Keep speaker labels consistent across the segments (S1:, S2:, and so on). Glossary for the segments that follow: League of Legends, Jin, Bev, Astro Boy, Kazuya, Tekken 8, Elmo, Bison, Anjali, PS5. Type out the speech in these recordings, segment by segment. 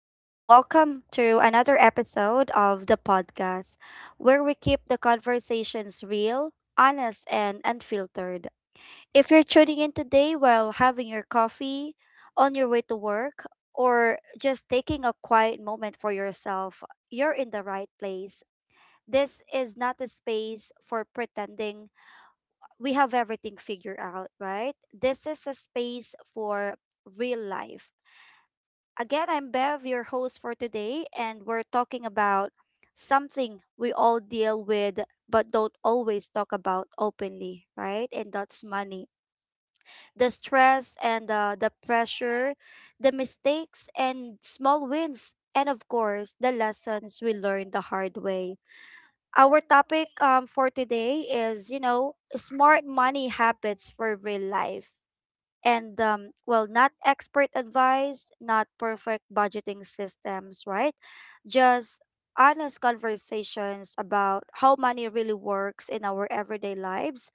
S1: and welcome to another episode of the podcast where we keep the conversations real, honest, and unfiltered. If you're tuning in today while having your coffee, on your way to work, or just taking a quiet moment for yourself, you're in the right place. This is not a space for pretending we have everything figured out, right? This is a space for real life. Again, I'm Bev, your host for today, and we're talking about something we all deal with but don't always talk about openly, right? And that's money. The stress and the pressure, the mistakes and small wins, and of course, the lessons we learned the hard way. Our topic, for today is, smart money habits for real life. And well, not expert advice, not perfect budgeting systems, right? Just honest conversations about how money really works in our everyday lives,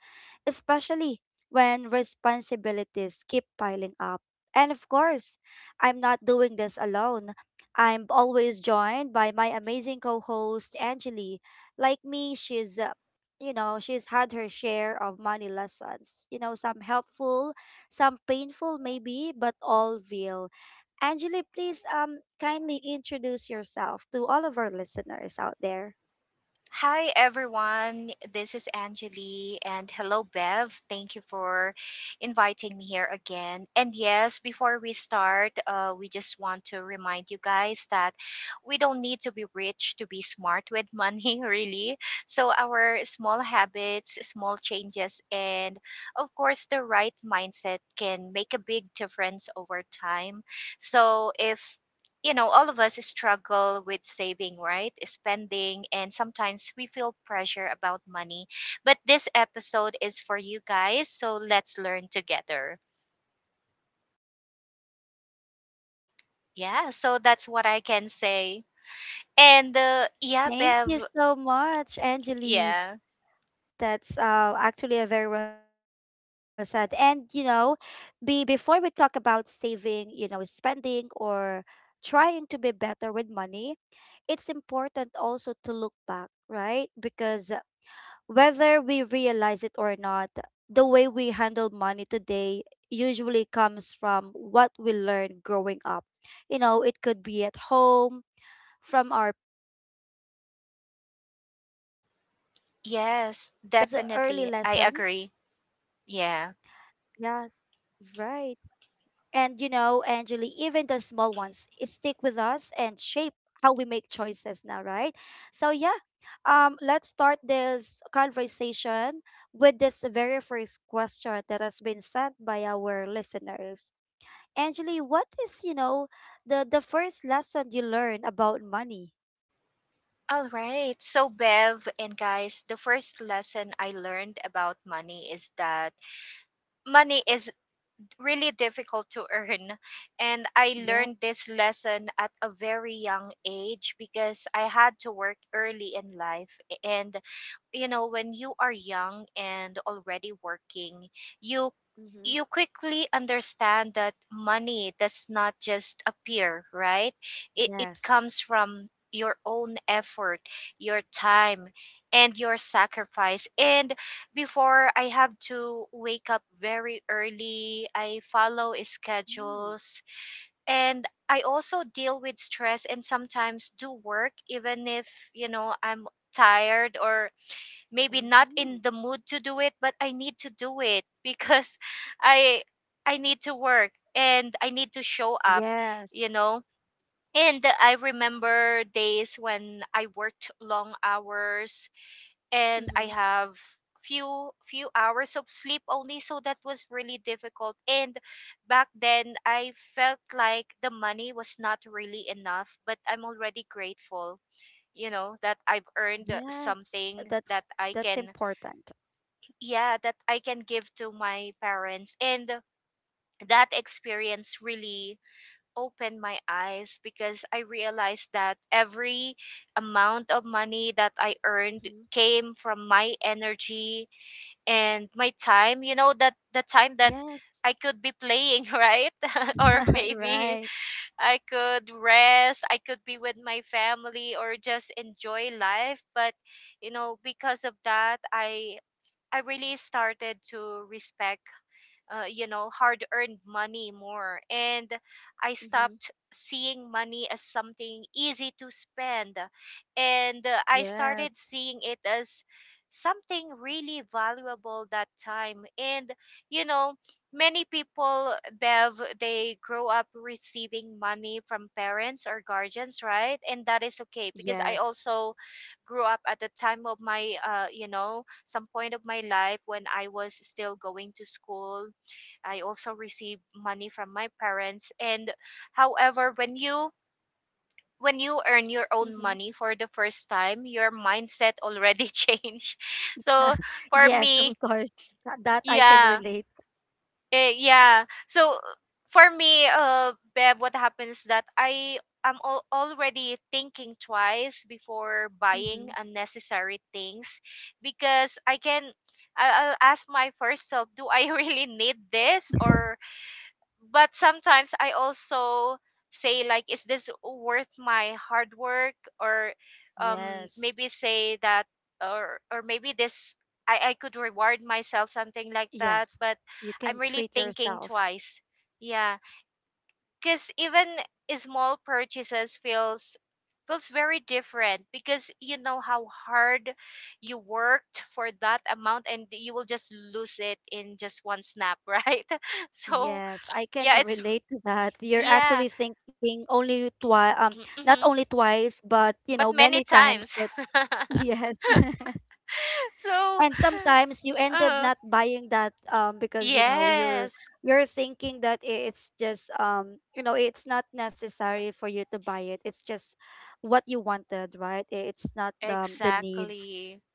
S1: especially when responsibilities keep piling up. And of course, I'm not doing this alone. I'm always joined by my amazing co host, Angeli. Like me, she's had her share of money lessons, you know, some helpful, some painful maybe, but all real. Angeli, please kindly introduce yourself to all of our listeners out there.
S2: Hi everyone, this is Anjali and hello Bev. Thank you for inviting me here again. And yes, before we start, we just want to remind you guys that we don't need to be rich to be smart with money, really. So, our small habits, small changes, and of course, the right mindset can make a big difference over time. So, if you know, all of us struggle with saving, right? Spending, and sometimes we feel pressure about money. But this episode is for you guys, so let's learn together. Yeah, so that's what I can say. And yeah,
S1: Thank
S2: Bev,
S1: you so much, Angeli.
S2: yeah,
S1: That's actually a very well said. And you know, be before we talk about saving, spending, or trying to be better with money, it's important also to look back, right? Because whether we realize it or not, the way we handle money today usually comes from what we learned growing up. You know, it could be at home, from our parents, or from our first paycheck.
S2: yes,
S1: Those early
S2: definitely. I
S1: lessons,
S2: agree.
S1: yes,
S2: Yeah.
S1: right. And you know, Angeli, even the small ones stick with us and shape how we make choices now, right? So, yeah, let's start this conversation with this very first question that has been sent by our listeners. Angeli, what is, you know, the first lesson you learned about money?
S2: All right. So, Bev and guys, the first lesson I learned about money is that money is really difficult to earn. And I
S1: Yeah.
S2: learned this lesson at a very young age because I had to work early in life. And you know when you are young and already working you
S1: Mm-hmm.
S2: you quickly understand that money does not just appear, right? It
S1: Yes.
S2: comes from your own effort, your time, and your sacrifice. And before, I have to wake up very early, I follow
S1: Mm-hmm.
S2: schedules, and I also deal with stress, and sometimes do work even if you know I'm tired or maybe not in the mood to do it, but I need to do it because i I need to work and I need to show up,
S1: Yes.
S2: you know. And I remember days when I worked long hours and I
S1: Mm-hmm.
S2: have few hours of sleep only. So that was really difficult, and back then I felt like the money was not really enough, but I'm already grateful, you know, that I've earned
S1: Yes.
S2: something
S1: That's
S2: that I
S1: that's
S2: can,
S1: important.
S2: yeah, that I can give to my parents. And that experience really opened my eyes because I realized that every amount of money that I earned
S1: Mm-hmm.
S2: came from my energy and my time, you know, that the time that
S1: Yes.
S2: I could be playing right or maybe
S1: Right.
S2: I could rest, I could be with my family or just enjoy life. But you know, because of that, I really started to respect you know, hard earned money more. And I
S1: Mm-hmm.
S2: stopped seeing money as something easy to spend. And I
S1: Yes.
S2: started seeing it as something really valuable that time. And, you know, many people, Bev, they grow up receiving money from parents or guardians, right? And that is okay because I
S1: Yes.
S2: also grew up at the time of my you know, some point of my life when I was still going to school, I also receive money from my parents. And however, when you earn your own
S1: Mm-hmm.
S2: money for the first time, your mindset already change. So for
S1: Yes, of
S2: me,
S1: course. That I can
S2: yeah,
S1: relate.
S2: yeah. So for me, Bev, what happens that I am already thinking twice before buying
S1: Mm-hmm.
S2: unnecessary things because I can, I'll ask my first self, do I really need this? Or but sometimes I also say like, is this worth my hard work? Or
S1: Yes.
S2: maybe say that, or maybe this, I could reward myself, something like that.
S1: Yes.
S2: But
S1: You
S2: I'm
S1: can
S2: really
S1: treat
S2: thinking
S1: yourself.
S2: twice, yeah, because even small purchases feels very different because you know how hard you worked for that amount, and you will just lose it in just one snap right? So
S1: Yes, I can
S2: yeah, it's
S1: relate to that. You're
S2: yeah.
S1: actually thinking only twice, not only
S2: Mm-hmm.
S1: twice, but you know,
S2: But many
S1: many times
S2: times.
S1: that. Yes.
S2: So,
S1: And sometimes you ended
S2: uh,
S1: not buying that because you know you're
S2: yes,
S1: you're thinking that it's just it's not necessary for you to buy it. It's just what you wanted, right? It's not the needs.
S2: exactly.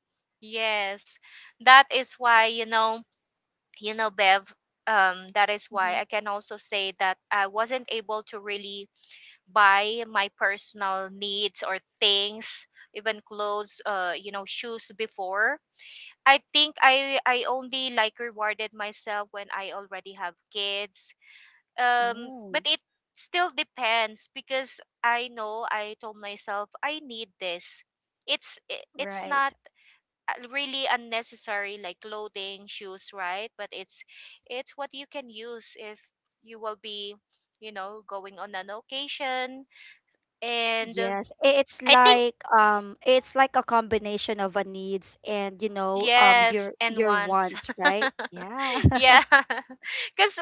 S2: Yes. That is why, you know, Bev, that is why I
S1: Hmm.
S2: can also say that I wasn't able to really buy my personal needs or things, even clothes, you know, shoes before. I think I only like rewarded myself when I already have kids, but
S1: Ooh,
S2: it still depends because I know I told myself I need this. It's not
S1: right.
S2: really unnecessary, like clothing, shoes, right? But it's what you can use if you will be, you know, going on an occasion. And
S1: Yes, I-
S2: I think,
S1: it's like a combination of a needs and you know
S2: yes. And
S1: your
S2: once
S1: wants, right? Yeah.
S2: yeah because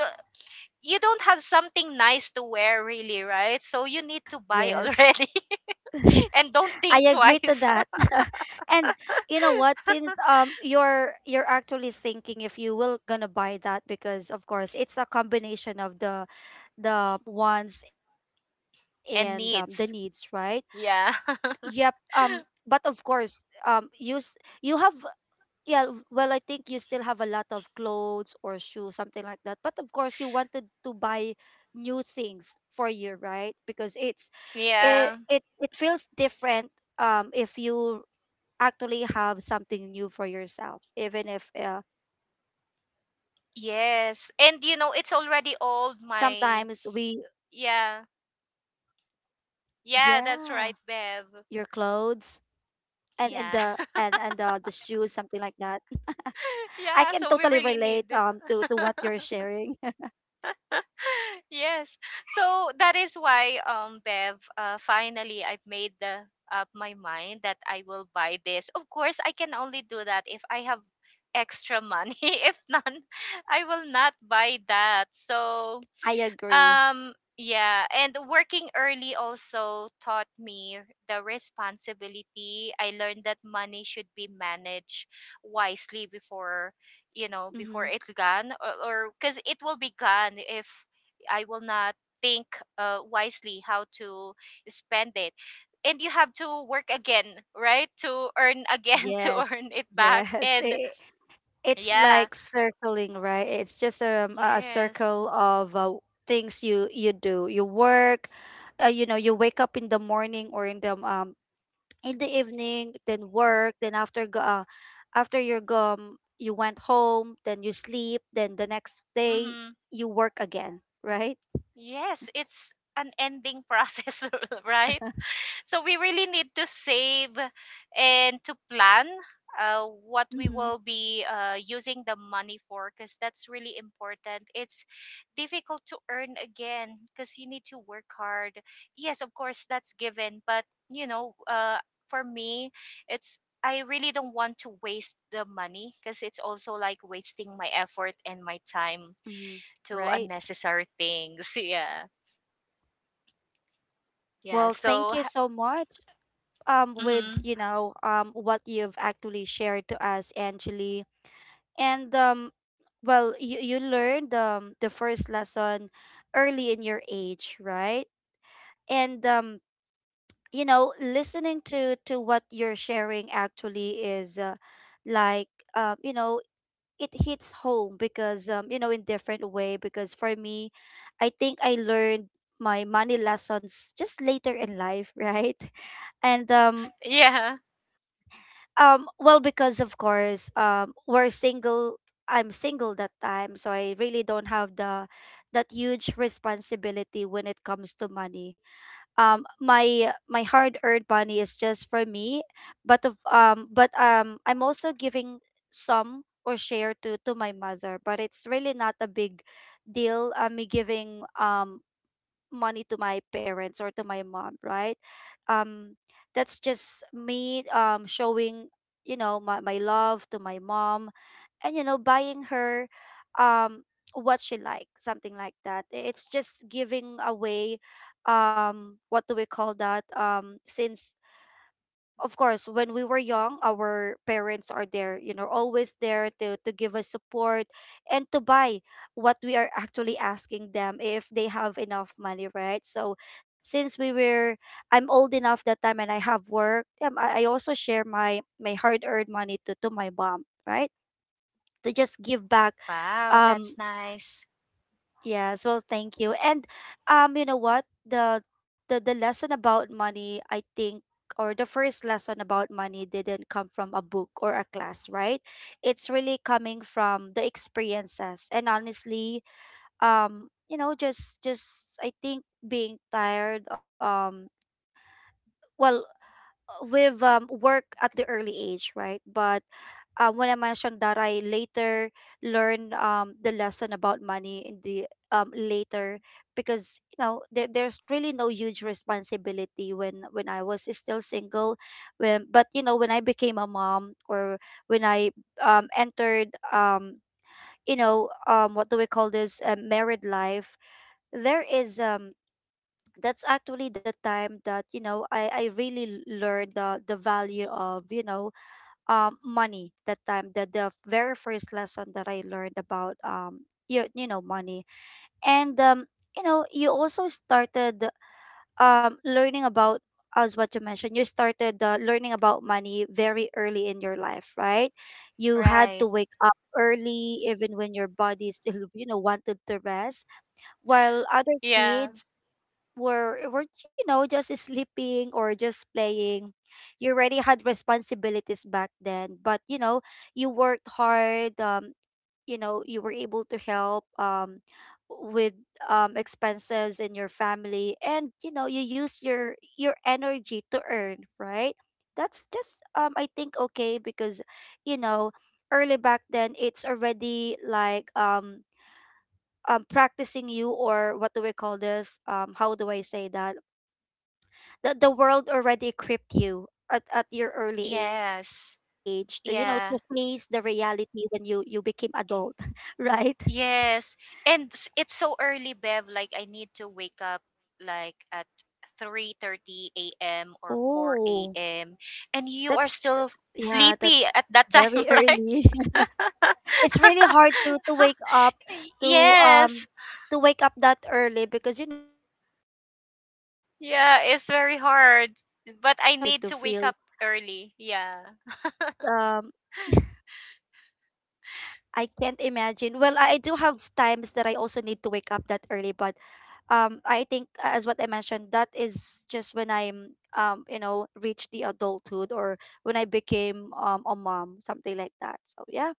S2: you don't have something nice to wear really, right? So you need to buy
S1: Yes,
S2: already and don't
S1: I
S2: think
S1: agree to
S2: twice.
S1: that. And you know what, since you're actually thinking if you will gonna buy that because of course it's a combination of the wants and, the needs,
S2: And
S1: right?
S2: needs.
S1: Yep.
S2: Yeah.
S1: Um, but of course, use you have, yeah, well, I think you still have a lot of clothes or shoes, something like that. But of course you wanted to buy new things for you, right? Because it's
S2: yeah.
S1: it feels different if you actually have something new for yourself, even if it's just it's not
S2: Yes.
S1: really a
S2: And you know,
S1: brand
S2: it's
S1: new.
S2: already old
S1: Sometimes
S2: my,
S1: we,
S2: yeah.
S1: yeah,
S2: Yeah,
S1: your
S2: that's right,
S1: clothes
S2: Bev.
S1: and,
S2: Yeah.
S1: the shoes, something like that. I can
S2: yeah,
S1: totally
S2: so we
S1: relate
S2: really need.
S1: to to what you're sharing.
S2: Yes. So that is why Bev, finally I've made the up my mind that I will buy this. Of course, I can only do that if I have extra money. If none, I will not buy that. So
S1: I agree.
S2: Yeah, and working early also taught me the responsibility. I learned that money should be managed wisely before, you know, before
S1: Mm-hmm.
S2: it's gone, or because it will be gone if I will not think wisely how to spend it. And you have to work again, right? To earn again, to
S1: Yes.
S2: earn it back.
S1: Yes.
S2: And
S1: It, it's
S2: yeah,
S1: like circling, right? It's just a
S2: yes.
S1: circle of things you you do. You work, you know, you wake up in the morning or in the evening, then work, then after go after your gum, you went home, then you sleep, then the next day
S2: Mm-hmm.
S1: you work again, right?
S2: Yes, it's an ending process, right? So we really need to save and to plan what we
S1: Mm-hmm.
S2: will be using the money for, because that's really important. It's difficult to earn again because you need to work hard. Yes, of course, that's given, but you know, for me, it's I really don't want to waste the money because it's also like wasting my effort and my time
S1: Mm-hmm.
S2: to
S1: Right.
S2: unnecessary things. Yeah.
S1: Well,
S2: Yeah.
S1: thank
S2: So,
S1: you
S2: ha-
S1: so much. With
S2: mhm.
S1: you know what you've actually shared to us, Angeli. And well, you learned the first lesson early in your age, right? And you know, listening to what you're sharing actually is, like, you know, it hits home because, you know, in different way, because for me I think I learned my money lessons just later in life. Right. And
S2: Yeah.
S1: um, well, because of course, we're single. I'm single that time, so I really don't have the that huge responsibility when it comes to money. My, my hard-earned money is just for me, but of, but I'm also giving some or share to my mother, but it's really not a big deal. Me giving money to my parents or to my mom, right? Um, that's just me showing, you know, my love to my mom and you know, buying her um what she likes, something like that. I- It's just giving away what do we call that? Um, since of course when we were young our parents are there, you know, always there to give us support and to buy what we are actually asking them if they have enough money, right? So since we were, I'm old enough that time and I have work, I also share my, my hard-earned money to my mom, right? To just give back.
S2: Wow,
S1: Um.
S2: that's nice.
S1: Yes, well, thank you. And you know what? The, the lesson about money, I think, or the first lesson about money, didn't come from a book or a class, right? It's really coming from the experiences. And honestly, you know, just I think being tired, well, with work at the early age, right? But when I mentioned that I later learned the lesson about money in the later because you know there, there's really no huge responsibility when I was still single, when, but you know, when I became a mom or when I entered you know, what do we call this, a married life, there is that's actually the time that you know I really learned the value of, you know, money that time, the, very first lesson that I learned about you, you know money. And you know, you also started learning about, as what you mentioned, you started learning about money very early in your life, right? You had to
S2: Right.
S1: wake up early, even when your body still you know wanted to rest while other
S2: Yeah.
S1: kids were, were, you know, just sleeping or just playing. You already had responsibilities back then, but you know you worked hard, you know, you were able to help with expenses in your family, and you know you use your energy to earn, right? That's just, I think okay because you know early back then it's already like practicing you, or what do we call this, how do I say that, the world already equipped you at your early age to, you know,
S2: Yes.
S1: to face the
S2: Yeah.
S1: reality when you became adult. Right.
S2: Yes. And it's so early, Bev. Like I need to wake up like at 3:30 a.m. or 4
S1: Oh.
S2: a.m. and you are
S1: that's th-
S2: still
S1: yeah,
S2: sleepy
S1: that's
S2: at that time,
S1: very early.
S2: right?
S1: It's really hard to, to
S2: yes.
S1: um to wake up that early, because you know your body just I think that, that's
S2: Yeah,
S1: the
S2: it's
S1: time that
S2: very
S1: your body
S2: hard.
S1: just
S2: But
S1: started
S2: I
S1: to
S2: need to
S1: feel
S2: wake up early.
S1: um
S2: Yeah.
S1: I can't imagine. Well, I do have times that I also need to wake up that early, but I think as what I mentioned that is just when I'm you know, reached the adulthood, or when I became a mom, something like that. So yeah,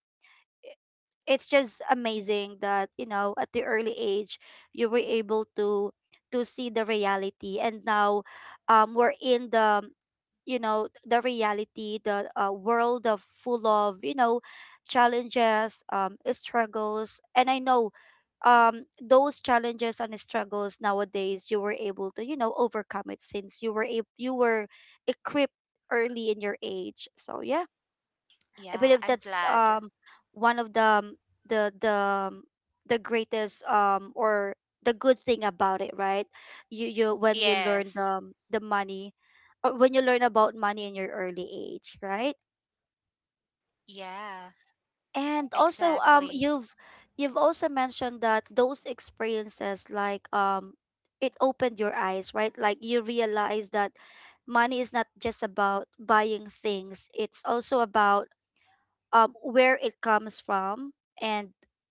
S1: it's just amazing that you know at the early age you were able to see the reality, and now we're in the, you know, the reality, the world of full of, you know, challenges, struggles, and I know those challenges and struggles nowadays you were able to, you know, overcome it since you were you were equipped early in your age. So yeah, I
S2: Yeah,
S1: believe
S2: I'm
S1: that's
S2: glad.
S1: one of the the um, the greatest, or the good thing about it, right? You when you learn the,
S2: Yes.
S1: the money, or when you learn about money in your early age, right?
S2: Yeah,
S1: And also
S2: exactly.
S1: you've also mentioned that those experiences, like, it opened your eyes, right? Like you realize that money is not just about buying things. It's also about where it comes from, and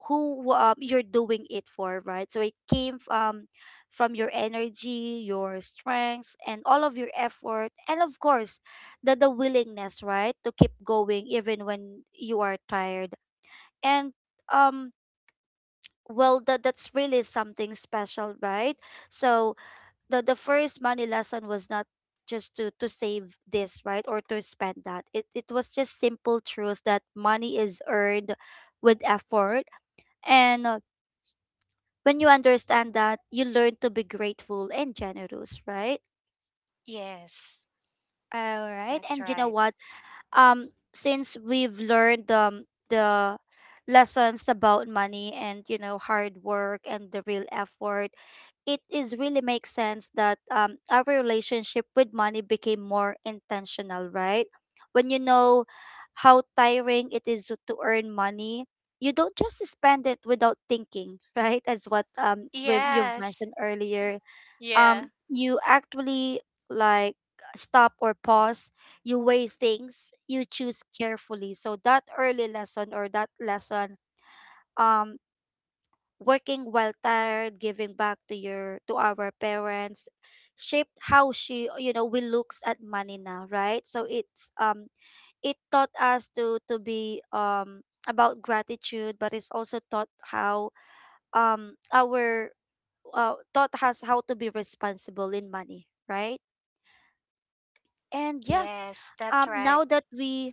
S1: who, you're doing it for, right? So it came from your energy, your strengths, and all of your effort, and of course, the willingness, right, to keep going even when you are tired. And, um, well, that's really something special, right? So the first money lesson was not just to save this, right, or to spend that. It was just simple truth that money is earned with effort. And when you understand that, you learn to be grateful and generous, right?
S2: Yes,
S1: All right.
S2: that's
S1: And you know
S2: right.
S1: what? Since we've learned, the lessons about money and, you know, hard work and the real effort, it is really makes sense that, our relationship with money became more intentional, right? When you know how tiring it is to earn money, you don't just spend it without thinking, right? As what, we you've
S2: Yes.
S1: mentioned earlier,
S2: Yeah.
S1: you actually, like, stop or pause. You weigh things, you choose carefully, so that early lesson, or that lesson, um working while tired, giving back to your to our parents, shaped how she you know we looks at money now, right? So it's, it taught us to be, about gratitude. But it's also taught how, our taught us how to be responsible in money, right? And yeah,
S2: Yes, that's right.
S1: now that we—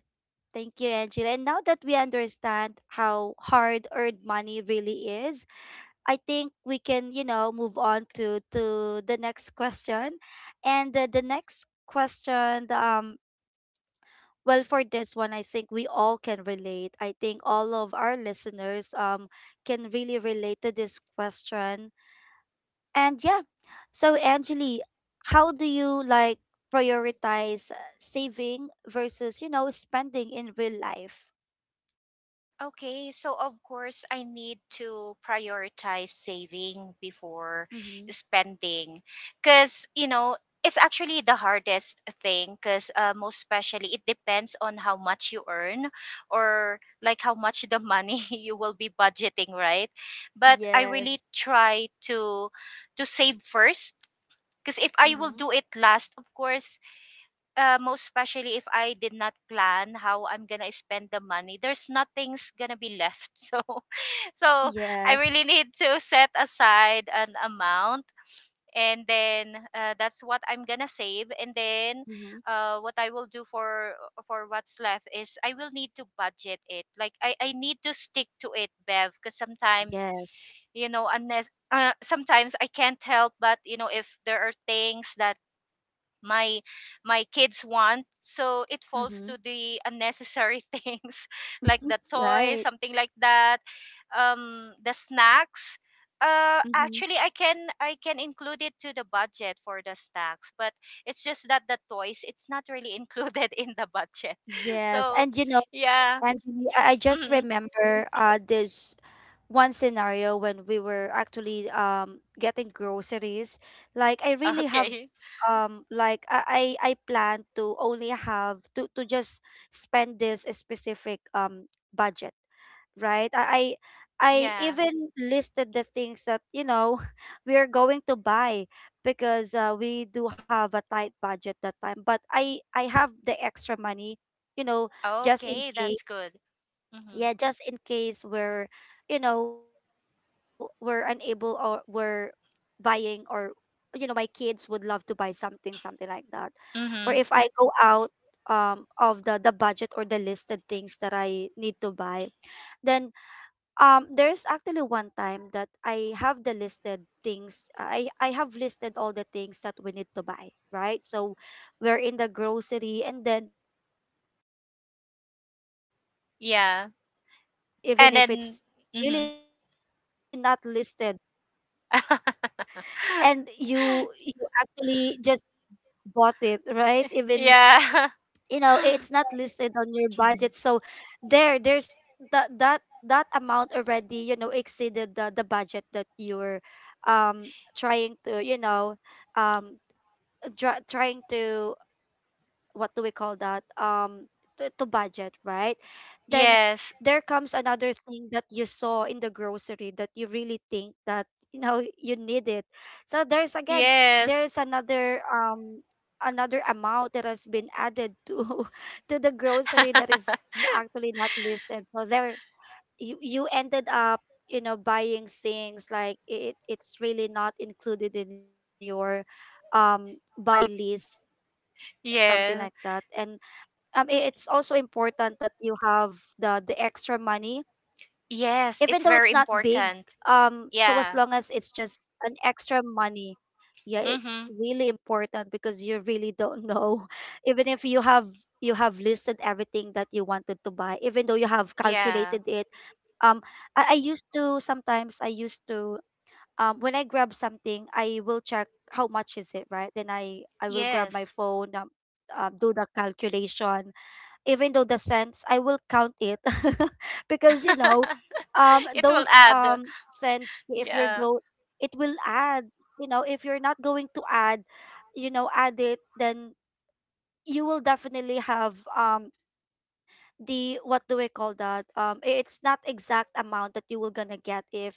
S1: thank you, Angela. And now that we understand how hard-earned money really is, I think we can, you know, move on to the next question. And the next question, well, for this one, I think we all can relate. I think all of our listeners can really relate to this question. And yeah, so, Angeli, how do you, like, prioritize, saving versus, you know, spending in real life?
S2: Okay, so of course I need to prioritize saving before
S1: Mm-hmm.
S2: spending because you know it's actually the hardest thing because most especially it depends on how much you earn, or like how much the money you will be budgeting, right? But I really
S1: Yes.
S2: try to save first, because if I will
S1: Mm-hmm.
S2: do it last, of course, most especially if I did not plan how I'm gonna spend the money, there's nothing's gonna be left. So, so I really
S1: Yes.
S2: need to set aside an amount, and then that's what I'm gonna save. And then,
S1: Mm-hmm.
S2: what I will do for what's left is I will need to budget it. Like I need to stick to it, Bev, because sometimes
S1: Yes.
S2: you know unless sometimes I can't help but you know if there are things that my my kids want, so it falls
S1: Mm-hmm.
S2: to the unnecessary things like the toys,
S1: Right.
S2: something like that, the snacks.
S1: Mm-hmm.
S2: Actually I can include it to the budget for the snacks, but it's just that the toys, it's not really included in the budget.
S1: Yes.
S2: So
S1: And you know,
S2: yeah,
S1: Anthony, I just
S2: mm,
S1: remember, this one scenario when we were actually getting groceries. Like I really have,
S2: okay,
S1: like, I plan to only have to just spend this specific, budget, right? I
S2: yeah,
S1: even listed the things that, you know, we are going to buy, because, we do have a tight budget that time. But I have the extra money, you know, just in
S2: okay, that's
S1: case.
S2: good, mm-hmm.
S1: Yeah, just in case we're, you know, we're unable, or we're buying, or, you know, my kids would love to buy something, something like that, or if
S2: Mm-hmm.
S1: I go out of the budget or the listed things that I need to buy. Then, there's actually one time that I have the listed things. I have listed all the things that we need to buy, right? So we're in the grocery, and then, um you saw something that you think
S2: Yeah.
S1: you need, right,
S2: And
S1: even
S2: then
S1: if it's
S2: mm-hmm.
S1: really not listed, and you actually just bought it, right? Even,
S2: yeah.
S1: you know, it's not listed on your
S2: Mhm.
S1: budget. So there's that amount already, you know, exceeded the budget that you're, um trying to, you know, um trying to, what do we call that, to budget, right? Then
S2: Yes.
S1: there comes another thing that you saw in the grocery that you really think that, you know, you need it. So there's, again,
S2: Yes.
S1: there's another, another amount that has been added to to the grocery that is, actually not listed. So there, you ended up, you know, buying things, like it's really not included in your, buy list, something like that. And
S2: yeah.
S1: it's also important that you have the extra money, even though it's not
S2: Yes, it's
S1: big,
S2: very important.
S1: so as long as it's
S2: Yeah.
S1: just an extra money, yeah, it's really
S2: Mhm.
S1: important because you really don't know, even if you have, listed everything that you wanted to buy, even though you have calculated it,
S2: Yeah.
S1: um I used to, sometimes I used to, when I grab something, I will check how much is it, right? Then I will grab my
S2: Yes.
S1: phone, do the calculation, even though the cents, I will count it. Because, you know,
S2: It will
S1: those,
S2: add.
S1: cents, if you're
S2: Yeah.
S1: go— it will add. You know, if you're not going to add, you know, add it, then you will definitely have, the, what do we call that, it's not exact amount that you will gonna get, if,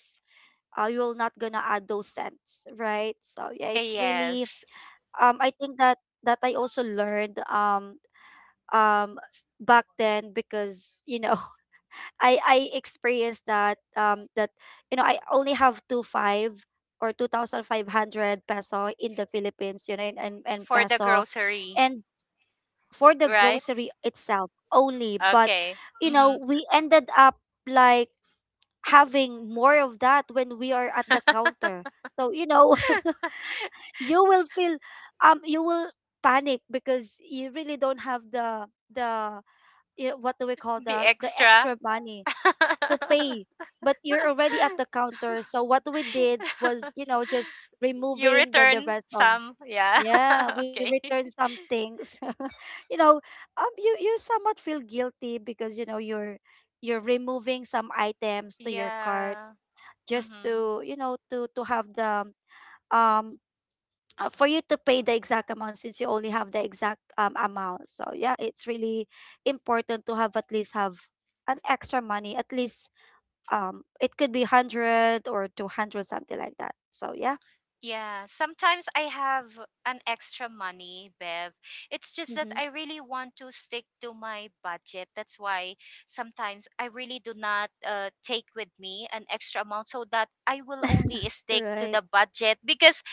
S1: you are not gonna add those cents, right? So yeah, it's really,
S2: Yes,
S1: I think that, that I also learned, um back then, because, you know, I experienced that, that, you know, I only have 2,500 peso in the Philippines, you know, and
S2: for the
S1: peso,
S2: grocery,
S1: and for the
S2: right?
S1: grocery itself only. But
S2: Okay.
S1: you
S2: Mhm.
S1: know, we ended up, like, having more of that when we are at the counter. So you know, you will feel, you will panic because you really don't have the, you know, what do we call
S2: The
S1: the
S2: extra.
S1: extra money to pay. But you're already at the counter. So what we did was, you know, just
S2: You
S1: removing the
S2: return
S1: rest of—
S2: some. Yeah.
S1: Yeah, we
S2: okay.
S1: returned some things. You know, you somewhat feel guilty because you know you're removing some items to your cart
S2: Yeah.
S1: just
S2: Mhm.
S1: to, you know, to have the, um for you to pay the exact amount since you only have the exact, amount. So yeah, it's really important to have at least have an extra money, at least, it could be 100 or 200, something like that. So yeah.
S2: Yeah, sometimes I have an extra money, Bev. It's just that
S1: Mm-hmm.
S2: I really want to stick to my budget. That's why sometimes I really do not take with me an extra amount so that I will only stick to
S1: Right.
S2: the budget. Because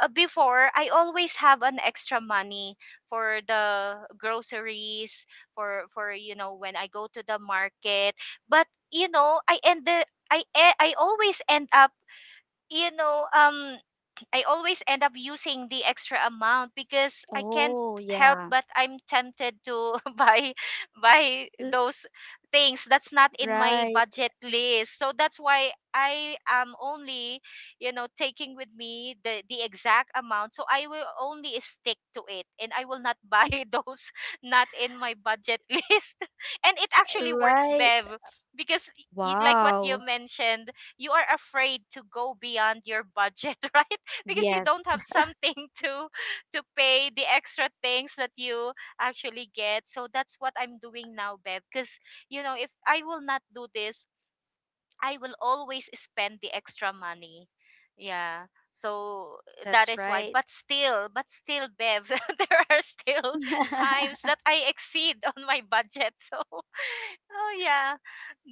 S2: before, I always have an extra money for the groceries, for you know when I go to the market. But you know, I always end up, you know, I always end up using the extra amount because I can't
S1: Oh
S2: help
S1: yeah.
S2: but I'm tempted to buy
S1: L-
S2: those things that's not in my
S1: right.
S2: budget list. So that's why I am only, you know, taking with me the exact amount. So I will only stick to it and I will not buy those not in my budget list. And it actually works,
S1: Right.
S2: Bev, because like what you
S1: Wow.
S2: mentioned, you are afraid to go beyond your budget, right? Because you don't
S1: Yes.
S2: have something to pay the extra things that you actually get. So that's what I'm doing now, Bev, because you know if I will not do this, I will always spend the extra money, yeah. So that
S1: That's
S2: is why,
S1: right.
S2: but still Bev there are still times that I exceed on my budget. So oh yeah,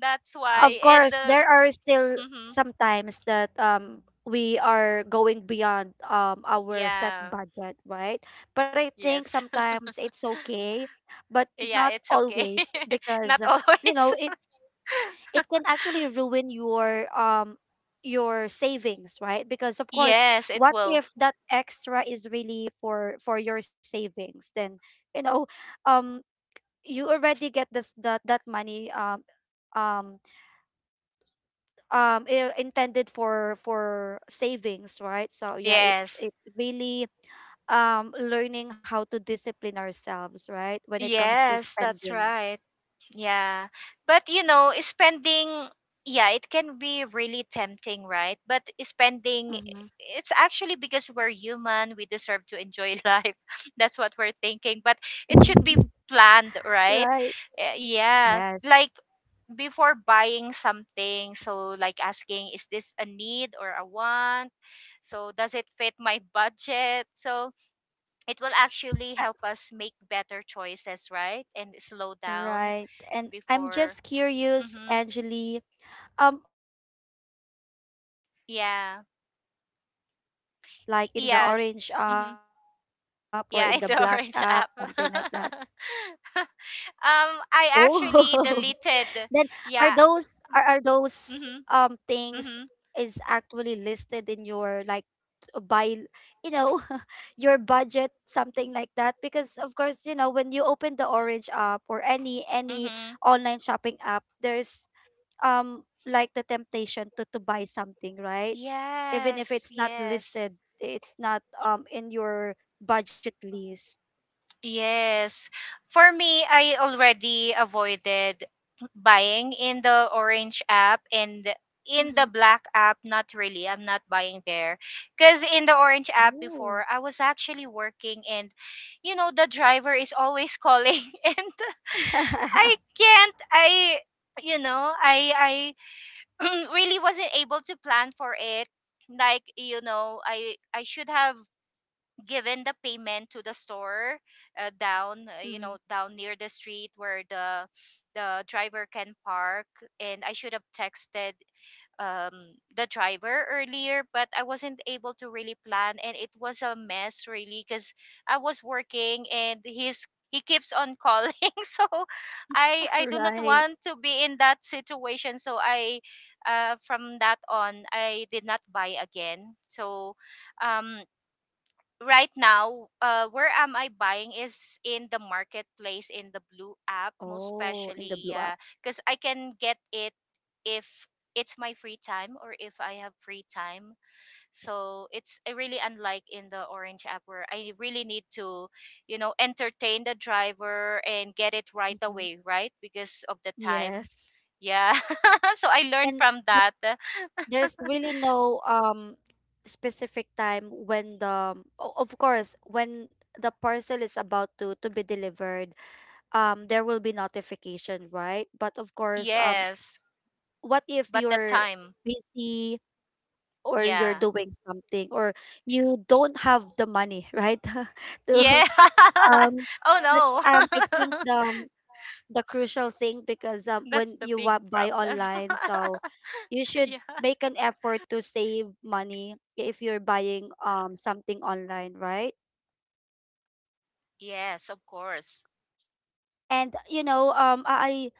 S2: that's
S1: Of
S2: why. And
S1: course, there are still
S2: mhm,
S1: sometimes that, we are going beyond, our set
S2: yeah,
S1: budget, right? But I think
S2: yes.
S1: sometimes it's okay. But
S2: Yeah,
S1: not
S2: it's okay.
S1: always, because,
S2: Not
S1: you
S2: always.
S1: know, it can actually ruin your, your savings, right? Because of course,
S2: Yes, it
S1: what
S2: will.
S1: if that extra is really for your savings? Then, you know, um you already get this, that money, um intended for savings, right? So yeah, it's
S2: Yes.
S1: it's really, learning how to discipline ourselves, right, when it comes to
S2: Yes, that's
S1: spending.
S2: right. Yeah. But you know, spending, yeah, it can be really tempting, right? But spending,
S1: Mm-hmm.
S2: it's actually because we're human, we deserve to enjoy life. That's what we're thinking. But it should be planned,
S1: Right.
S2: right? Uh, yeah.
S1: Yes.
S2: Like, Before buying something, so like, asking is this a need or a want? So does it fit my budget? So it will actually help us make better choices, right, and slow down
S1: Right. And I'm
S2: before.
S1: just curious,
S2: Mm-hmm.
S1: Angeli, um, are you fond of, like,
S2: Yeah,
S1: buying online, like in the
S2: yeah.
S1: orange app or
S2: Mm-hmm.
S1: in the black app,
S2: Yeah,
S1: something
S2: in
S1: like
S2: the
S1: that?
S2: orange app. um
S1: Oh.
S2: i actually
S1: Then, are
S2: deleted.
S1: those— are,
S2: Yeah.
S1: are those
S2: Mm-hmm.
S1: things,
S2: Mm-hmm.
S1: is actually listed in your, like, buy, you know, your budget, something like that? Because of course, you know, when you open the orange app or any
S2: Mm-hmm.
S1: online shopping app, there's, like, the temptation to buy something, right? Even if
S2: Yes,
S1: it's not
S2: yes.
S1: listed, it's not, in your budget list.
S2: Yes. For me, I already avoided buying in the orange app, and in the
S1: Mm-hmm.
S2: black app, not really. I'm not buying there. Because in the orange app
S1: Oh.
S2: before, I was actually working, and, you know, the driver is always calling and I can't, I, you know, I, I really wasn't able to plan for it. I should have given the payment to the store, down, uh,
S1: Mm.
S2: you know down near the street where the driver can park, and I should have texted um the driver earlier, but I wasn't able to really plan, and it was a mess, really, because I was working and he's, he keeps on calling. So i i do not
S1: Right.
S2: want to be in that situation, so I, from that on, I did not buy again. So um right now, where am I buying is in the marketplace in the Blue app, most
S1: Oh, in the
S2: especially,
S1: blue app.
S2: yeah, because I can get it if it's my free time, or if I have free time. So it's, really, unlike in the Orange app where I really need to, you know, entertain the driver and get it right
S1: Mm-hmm.
S2: away, right? Because of the time.
S1: Yes.
S2: Yeah. So I learned
S1: And
S2: from
S1: th-
S2: that.
S1: there's really no, specific time when of course when the parcel is about to be delivered, there will be notification, right? But of course,
S2: Yes,
S1: what if
S2: but the
S1: you're
S2: time.
S1: busy, or you're
S2: Yeah.
S1: doing something, or you don't have the money, right? To,
S2: Yeah.
S1: um
S2: Oh
S1: that's, I think
S2: no.
S1: the, the crucial thing, because,
S2: That's
S1: when
S2: the
S1: you
S2: big
S1: buy
S2: problem.
S1: online. So you should
S2: Yeah.
S1: make an effort to save money if you're buying, something online, right?
S2: Yes, of course.
S1: And you know, I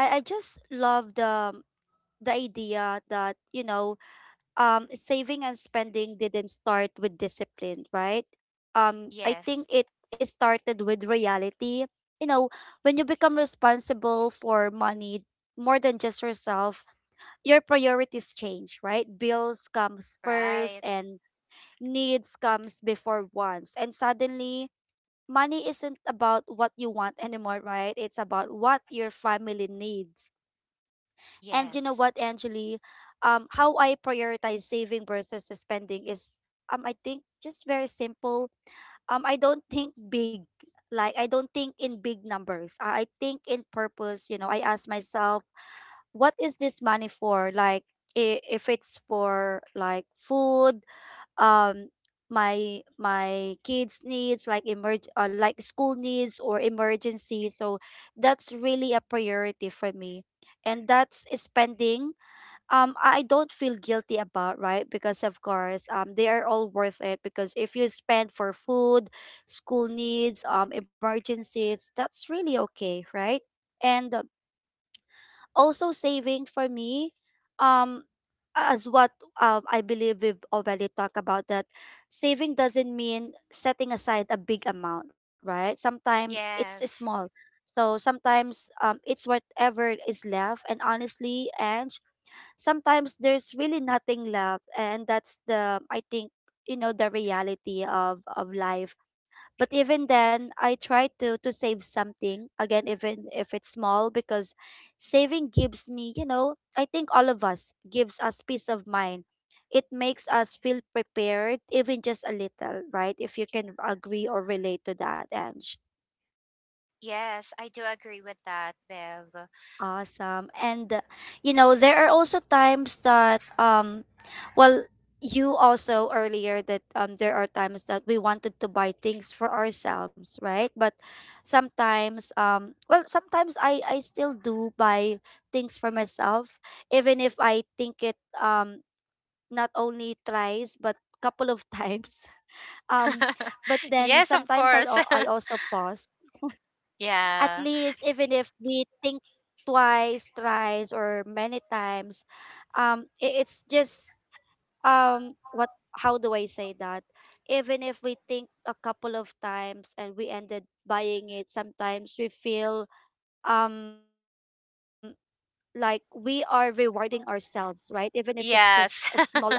S1: I I I just love the, the idea that, you know, saving and spending didn't start with discipline, right? I think
S2: Yes.
S1: it started with reality. You know, when you become responsible for money more than just yourself, your priorities change, right? Bills comes first
S2: Right.
S1: and needs comes before wants. And suddenly, money isn't about what you want anymore, right? It's about what your family needs. And you know
S2: Yes.
S1: what, Angeli? How I prioritize saving versus spending is, I think, just very simple. I don't think big. Like, I don't think in big numbers. I think in purpose. You know, I ask myself, what is this money for? Like, if it's for, like, food, um my kids needs, like, emerg like school needs or emergency. So that's really a priority for me, and that's spending, I don't feel guilty about, right? Because of course, they are all worth it, because if you spend for food, school needs, emergencies, that's really okay, right? And Also, saving for me, um as what, I believe we've already talked about, that saving doesn't mean setting aside a big amount, right? Sometimes it's small.
S2: Yes.
S1: So sometimes it's whatever is left, and honestly, and sometimes there's really nothing left, and that's the I think the reality of life. But even then, I try to save something again, even if it's small, because saving gives me, I think all of us, gives us peace of mind. It makes us feel prepared, even just a little, right? If you can agree or relate to that. And
S2: Yes, I do agree with that, Bev.
S1: awesome. And you know, there are also times that well, you also earlier that there are times that we wanted to buy things for ourselves, right? But sometimes well, sometimes I still do buy things for myself, even if I think it, not only thrice but couple of times. Um but then
S2: Yes, of
S1: sometimes
S2: course.
S1: I also pause, at
S2: Yeah.
S1: least, even if we think twice, thrice, or many times. It's just, what? How do I say that? Even if we think a couple of times and we ended buying it, sometimes we feel, um like we are rewarding ourselves, right? Even if it's just a
S2: Yes.
S1: small amount,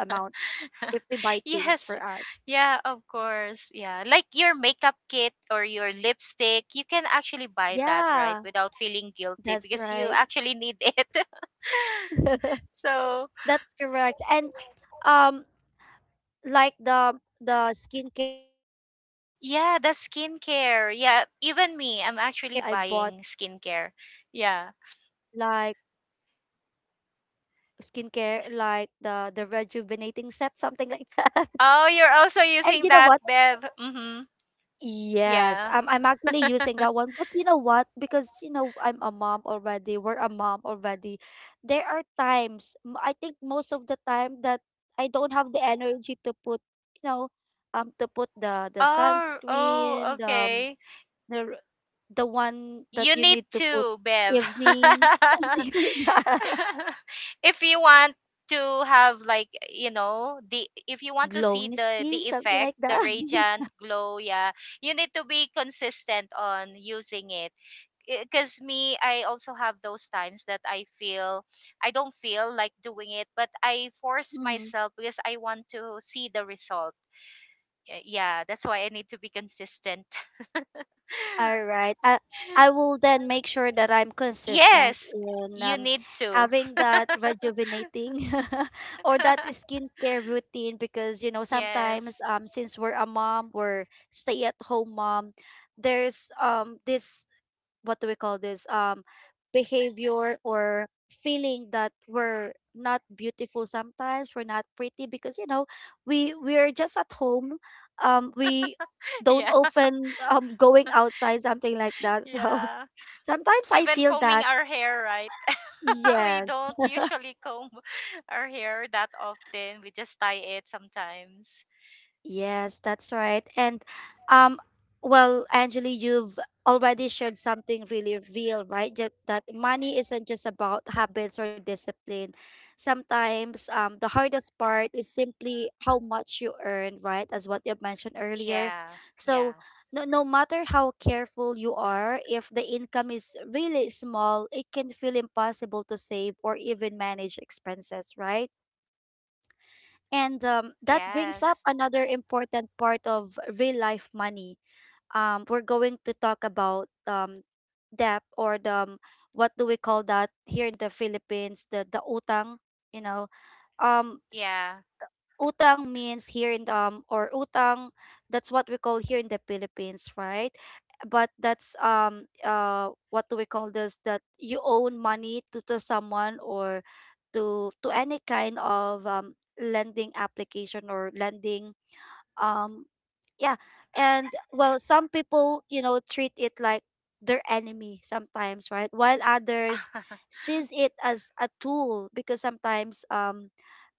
S1: if we buy things for
S2: Yes.
S1: us.
S2: Yeah, of course. Yeah. Like your makeup kit or your lipstick, you can actually buy that, right?
S1: Yeah,
S2: Without feeling guilty
S1: that's
S2: because you
S1: right.
S2: actually need it. So,
S1: That's correct. And um like the skincare routine sometimes.
S2: yeah, the
S1: You know what,
S2: skincare. Yeah,
S1: I think
S2: even
S1: I
S2: me, I'm
S1: I I
S2: actually
S1: bought
S2: buying skincare.
S1: like
S2: Yeah.
S1: skincare, like the rejuvenating set, something like that.
S2: Oh,
S1: And
S2: you're
S1: you know
S2: also
S1: what,
S2: using that, Bev. Mhm.
S1: yes,
S2: Yeah.
S1: I'm actually using that one. But you know what, because you know, I'm a mom already, we're a mom already. There are times, I think most of the time, that I don't have the energy to put, you know, to put the
S2: Oh, oh,
S1: sunscreen,
S2: okay.
S1: the the one that
S2: You
S1: you
S2: need
S1: need to put
S2: to, Bev.
S1: evening, something like that.
S2: If you want to have, like, you know, the, if you want to see
S1: Glowing skin,
S2: the
S1: something
S2: effect,
S1: like
S2: the
S1: that.
S2: radiant glow, yeah, you need to be consistent on using it. Because me, I also have those times that I feel I don't feel like doing it, but I force
S1: Mm-hmm.
S2: myself because I want to see the result. Yeah, that's why I need to be consistent.
S1: All right. I will then make sure that I'm consistent
S2: Yes,
S1: in,
S2: you need to.
S1: having that rejuvenating or that skincare routine, because you know sometimes
S2: Yes.
S1: since we're a mom, we're stay at home mom, there's this, what do we call this, behavior or feeling that we're not beautiful, sometimes we're not pretty, because you know, we're just at home. We don't
S2: Yeah.
S1: often going outside, something like that, so
S2: Yeah.
S1: sometimes I
S2: Even
S1: feel
S2: combing
S1: that.
S2: our hair, right? We
S1: Yes.
S2: don't usually comb our hair that often. We just tie it sometimes.
S1: Yes, that's right. And um well, Anjali, you've already shared something really real, right? That, that money isn't just about habits or discipline. Sometimes the hardest part is simply how much you earn, right? As what you mentioned earlier.
S2: Yeah.
S1: So
S2: Yeah.
S1: no, no matter how careful you are, if the income is really small, it can feel impossible to save or even manage expenses, right? And that brings up
S2: Yes.
S1: another important part of real life money. We're going to talk about, debt, or the, what do we call that here in the Philippines? The utang, you know. Um,
S2: Yeah.
S1: Utang means here in, um, or utang, that's what we call here in the Philippines, right? But that's, what do we call this, that you owe money to someone, or to any kind of lending application or lending, um yeah and, well, some people, you know, treat it like their enemy sometimes, right, while others sees it as a tool, because sometimes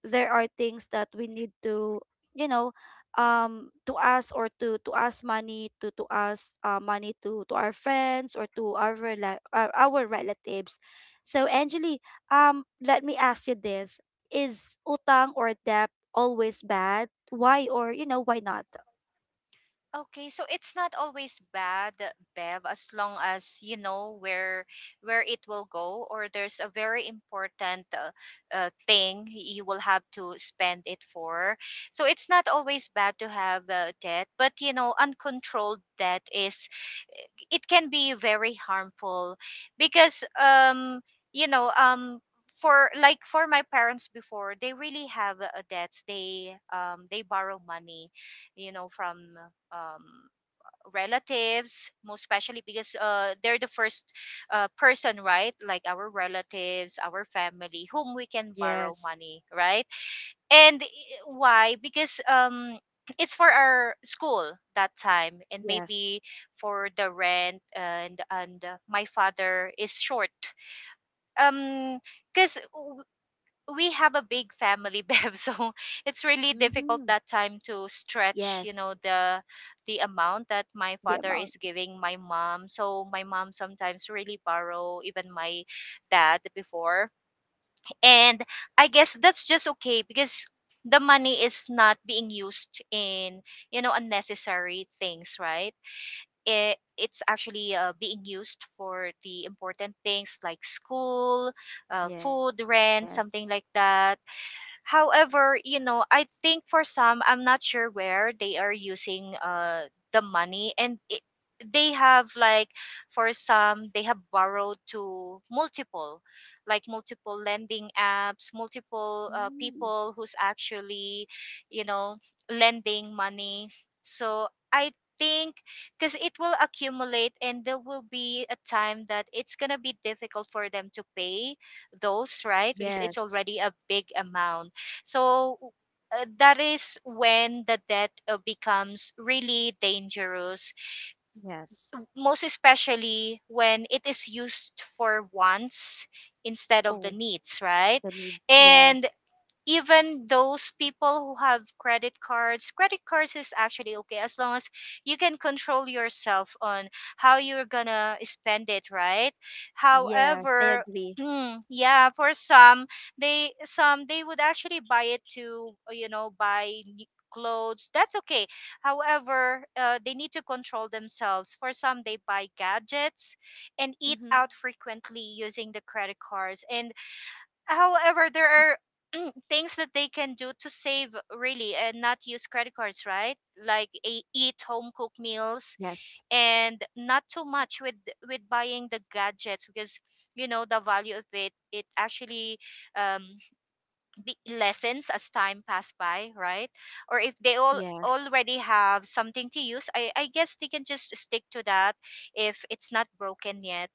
S1: there are things that we need to, you know, to ask, or to ask money to ask money to our friends, or to our our relatives. So, Angeli, let me ask you this. Is utang or debt always bad? Why, or you know, why not?
S2: Okay, so it's not always bad, Bev, as long as you know where it will go, or there's a very important thing you will have to spend it for. So it's not always bad to have, debt, but you know, uncontrolled debt is, it can be very harmful because, you know, for, like, for my parents before, they really have, debts, they, they borrow money, you know, from, um, relatives, most especially, because, they're the first, person, right? Like our relatives, our family, whom we can borrow
S1: Yes.
S2: money, right? And why? Because, it's for our school that time, and
S1: Yes.
S2: maybe for the rent, and my father is short, um because we have a big family, Bev. So it's really difficult
S1: Mm-hmm.
S2: that time to stretch, you
S1: Yes.
S2: know, the amount that my
S1: The
S2: father is
S1: amount.
S2: giving my mom, so my mom sometimes really borrow even my dad before. And I guess that's just okay because the money is not being used in, you know, unnecessary things, right? It, it's actually, being used for the important things, like school,
S1: Yes.
S2: food, rent, something like that. However, you know, I think for some, I'm not sure where they are using, uh, the money, and it, they have, like, for some, they have borrowed to multiple, like multiple lending apps, multiple,
S1: Mm.
S2: people who's actually, you know, lending money. So I think because it will accumulate and there will be a time that it's going to be difficult for them to pay those, right? Because it's
S1: Yes.
S2: already a big amount. So, that is when the debt, becomes really dangerous,
S1: Yes.
S2: most especially when it is used for wants instead of the
S1: Oh,
S2: needs, right?
S1: the needs, yes.
S2: And even those people who have credit cards, credit cards is actually okay as long as you can control yourself on how you're gonna spend it, right?
S1: Yes, I
S2: However,
S1: agree.
S2: mm, yeah, for some, they, some, they would actually buy it to, you know, buy new clothes. That's okay. However, they need to control themselves. For some, they buy gadgets and eat
S1: Mm-hmm.
S2: out frequently using the credit cards. And however, there are things that they can do to save, really, and not use credit cards, right? Like, a, eat home
S1: Yes.
S2: cooked meals and not too much with buying the gadgets, because you know the value of it, it actually, um, be- lessens as time pass by, right? Or if they all
S1: Yes.
S2: already have something to use, I guess they can just stick to that if it's not broken yet.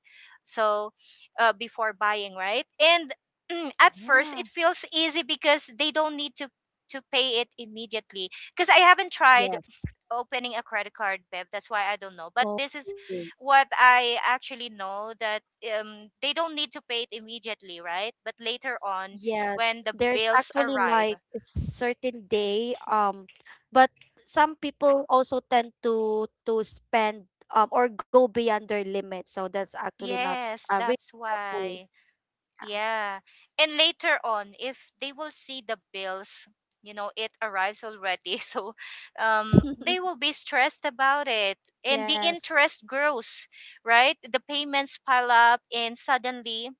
S2: So, before buying, right? And at first
S1: Yeah.
S2: it feels easy because they don't need to pay it immediately, because I haven't tried
S1: Yes.
S2: opening a credit card, Bev. That's why I don't know. But
S1: Oh,
S2: this is what I actually know, that, they don't need to pay it immediately, right? But later on,
S1: yes.
S2: when the
S1: There's
S2: bills
S1: actually
S2: arrive,
S1: like a certain day, but some people also tend to spend, or go beyond their limit, so that's actually not,
S2: yes,
S1: really
S2: that's
S1: helpful.
S2: why. Yeah. And later on, if they will see the bills, you know, it arrives already. So, they will be stressed about it. And the
S1: Yes.
S2: interest grows, right? The payments pile up, and suddenly,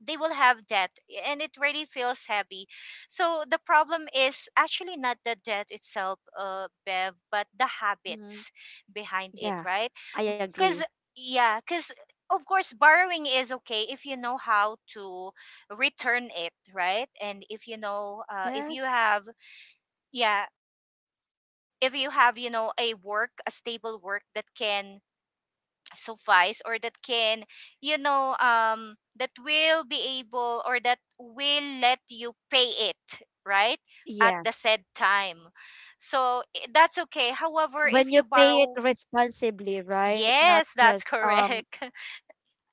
S2: they will have debt, and it really feels heavy. So the problem is actually not the debt itself, uh, Bev, but the
S1: Mhm.
S2: habits behind it,
S1: Yeah,
S2: right?
S1: I agree.
S2: Because, yeah, because of course borrowing is okay if you know how to return it, right? And if you know, if you
S1: Yes.
S2: have, yeah, if you have, you know, a work, a stable work that can suffice, or that can, you know, that will be able, or that will let you pay it, right, at the
S1: Yes.
S2: said time. So that's okay. However,
S1: When
S2: if you
S1: you pay it
S2: borrow,
S1: responsibly, right? Not
S2: yes, that's
S1: just
S2: correct.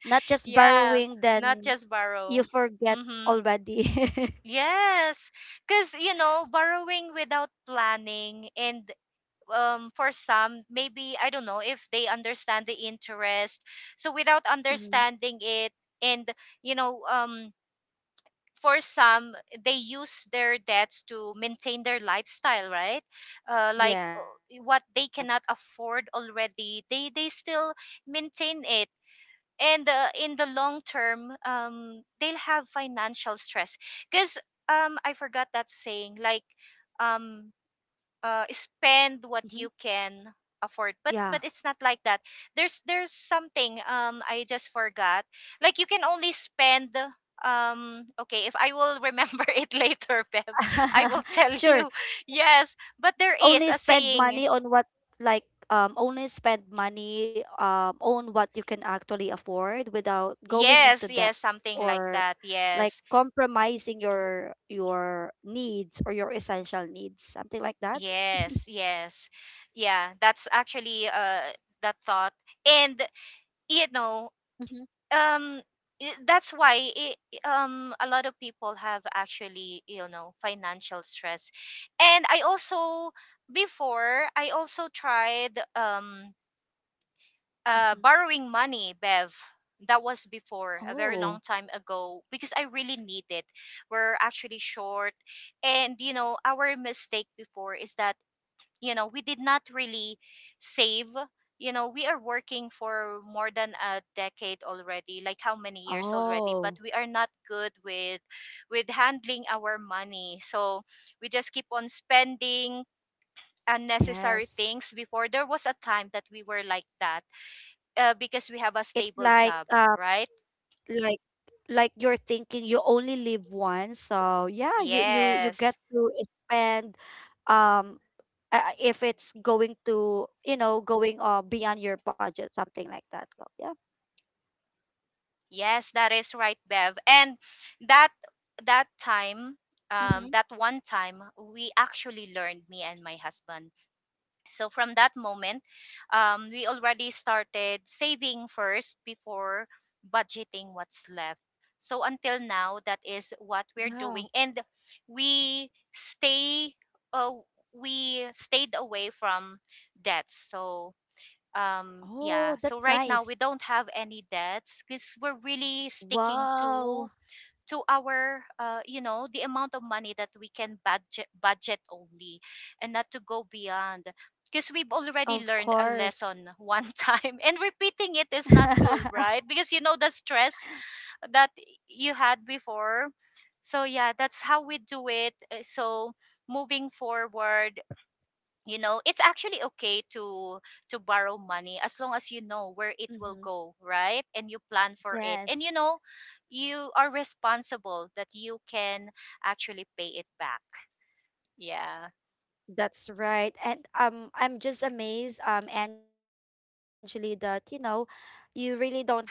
S1: not just
S2: Yeah,
S1: borrowing
S2: not
S1: then
S2: just
S1: you
S2: borrow.
S1: forget
S2: Mhm.
S1: already.
S2: Yes. Cuz you know, borrowing without planning, and, for some, maybe I don't know if they understand the interest. So without
S1: Hmm.
S2: understanding it, and you know, for some, they use their debts to maintain their lifestyle, right? Like,
S1: Yes.
S2: what they cannot afford already, they still maintain it. And, in the long term, they'll have financial stress because, I forgot that saying. Like, um, spend what you
S1: Hmm.
S2: can afford,
S1: Yeah.
S2: but it's not like that. There's something, um, I just forgot. Like, you can only spend, um, okay, if I will remember it later, Bev, I will tell
S1: Sure.
S2: you. Yes, but there is
S1: Only
S2: a
S1: spend
S2: saying.
S1: money on what, like, only spend money on what you can actually afford without going into
S2: Yes,
S1: debt,
S2: yes, something like
S1: or
S2: that.
S1: like
S2: Yes.
S1: compromising your needs, or your essential needs, something like that.
S2: Yes, yes. Yeah, that's actually, uh, that thought. And you know,
S1: Mm-hmm.
S2: um, that's why I, um, a lot of people have actually, you know, financial stress. And I also, before, I also tried,
S1: Mm-hmm.
S2: borrowing money, Bev. That was before, a very long
S1: Oh,
S2: time ago, because I really need it. We're actually short, and you know, our mistake before is that, you know, we did not really save. You know, we are working for more than a decade already, like how many years already, but
S1: oh,
S2: we are not good with handling our money. So we just keep on spending unnecessary
S1: yes.
S2: things before. There was a time that we were like that, because we have a
S1: It's
S2: stable
S1: like,
S2: job, right?
S1: like like you're thinking you only live once, so yeah, you get
S2: Yes.
S1: to spend, um if it's going to, you know, going beyond your budget, something like that, so yeah.
S2: Yes, that is right, Bev. And that that time,
S1: Mm-hmm.
S2: that one time, we actually learned, me and my husband. So from that moment, we already started saving first before budgeting what's left. So until now, that is what we're
S1: Yeah.
S2: doing. And we stay, uh, we stayed away from debts. So um yeah
S1: Oh,
S2: so
S1: that's
S2: right now we
S1: nice.
S2: don't have any debts because we're really sticking to
S1: Wow.
S2: to our the amount of money that we can budget only and not to go beyond, because we've already
S1: Of
S2: learned a
S1: course.
S2: lesson one time, and repeating it is not
S1: Mm-hmm.
S2: good, right? Because the stress that you had before. So yeah, that's how we do it. So moving forward, it's actually okay to borrow money as long as you know where it will go, right, and you plan for it, and
S1: Yes,
S2: you are responsible that you can actually pay it back. Yeah.
S1: that's right. And I'm just amazed, Angeli, that you know, you really don't have,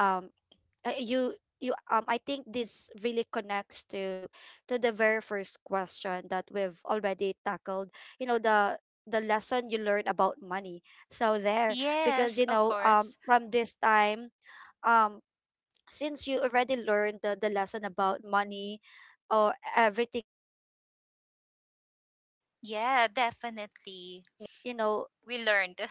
S1: uh, you you, I think this really connects to the very first question that we've already tackled. You know, the lesson you learn about money. So there, because you
S2: Yes,
S1: know,
S2: of course.
S1: from this time, um since you already learned the lesson about money, or everything is spending or saving,
S2: Yeah,
S1: you don't
S2: definitely.
S1: have,
S2: We
S1: you
S2: learned.
S1: know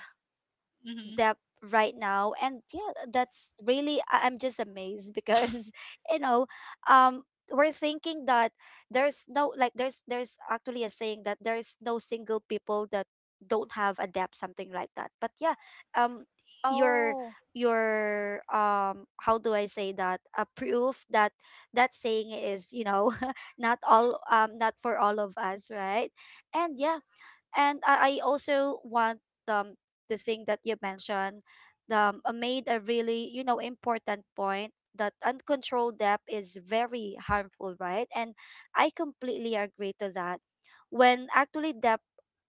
S2: Hmm.
S1: depth right now. And yeah, that's really, I'm just amazed, because you know, um we're thinking that there's no, like, there's actually a saying that there's no single people that don't have a depth, something like that, but yeah. um
S2: Oh.
S1: your your, how do I say that, a proof that, that saying is, you know, not all, not for all of us, right? And yeah. And I also want, um the thing that you mentioned, the, made a really, you know, important point that uncontrolled debt is very harmful, right? And I completely agree to that. When actually debt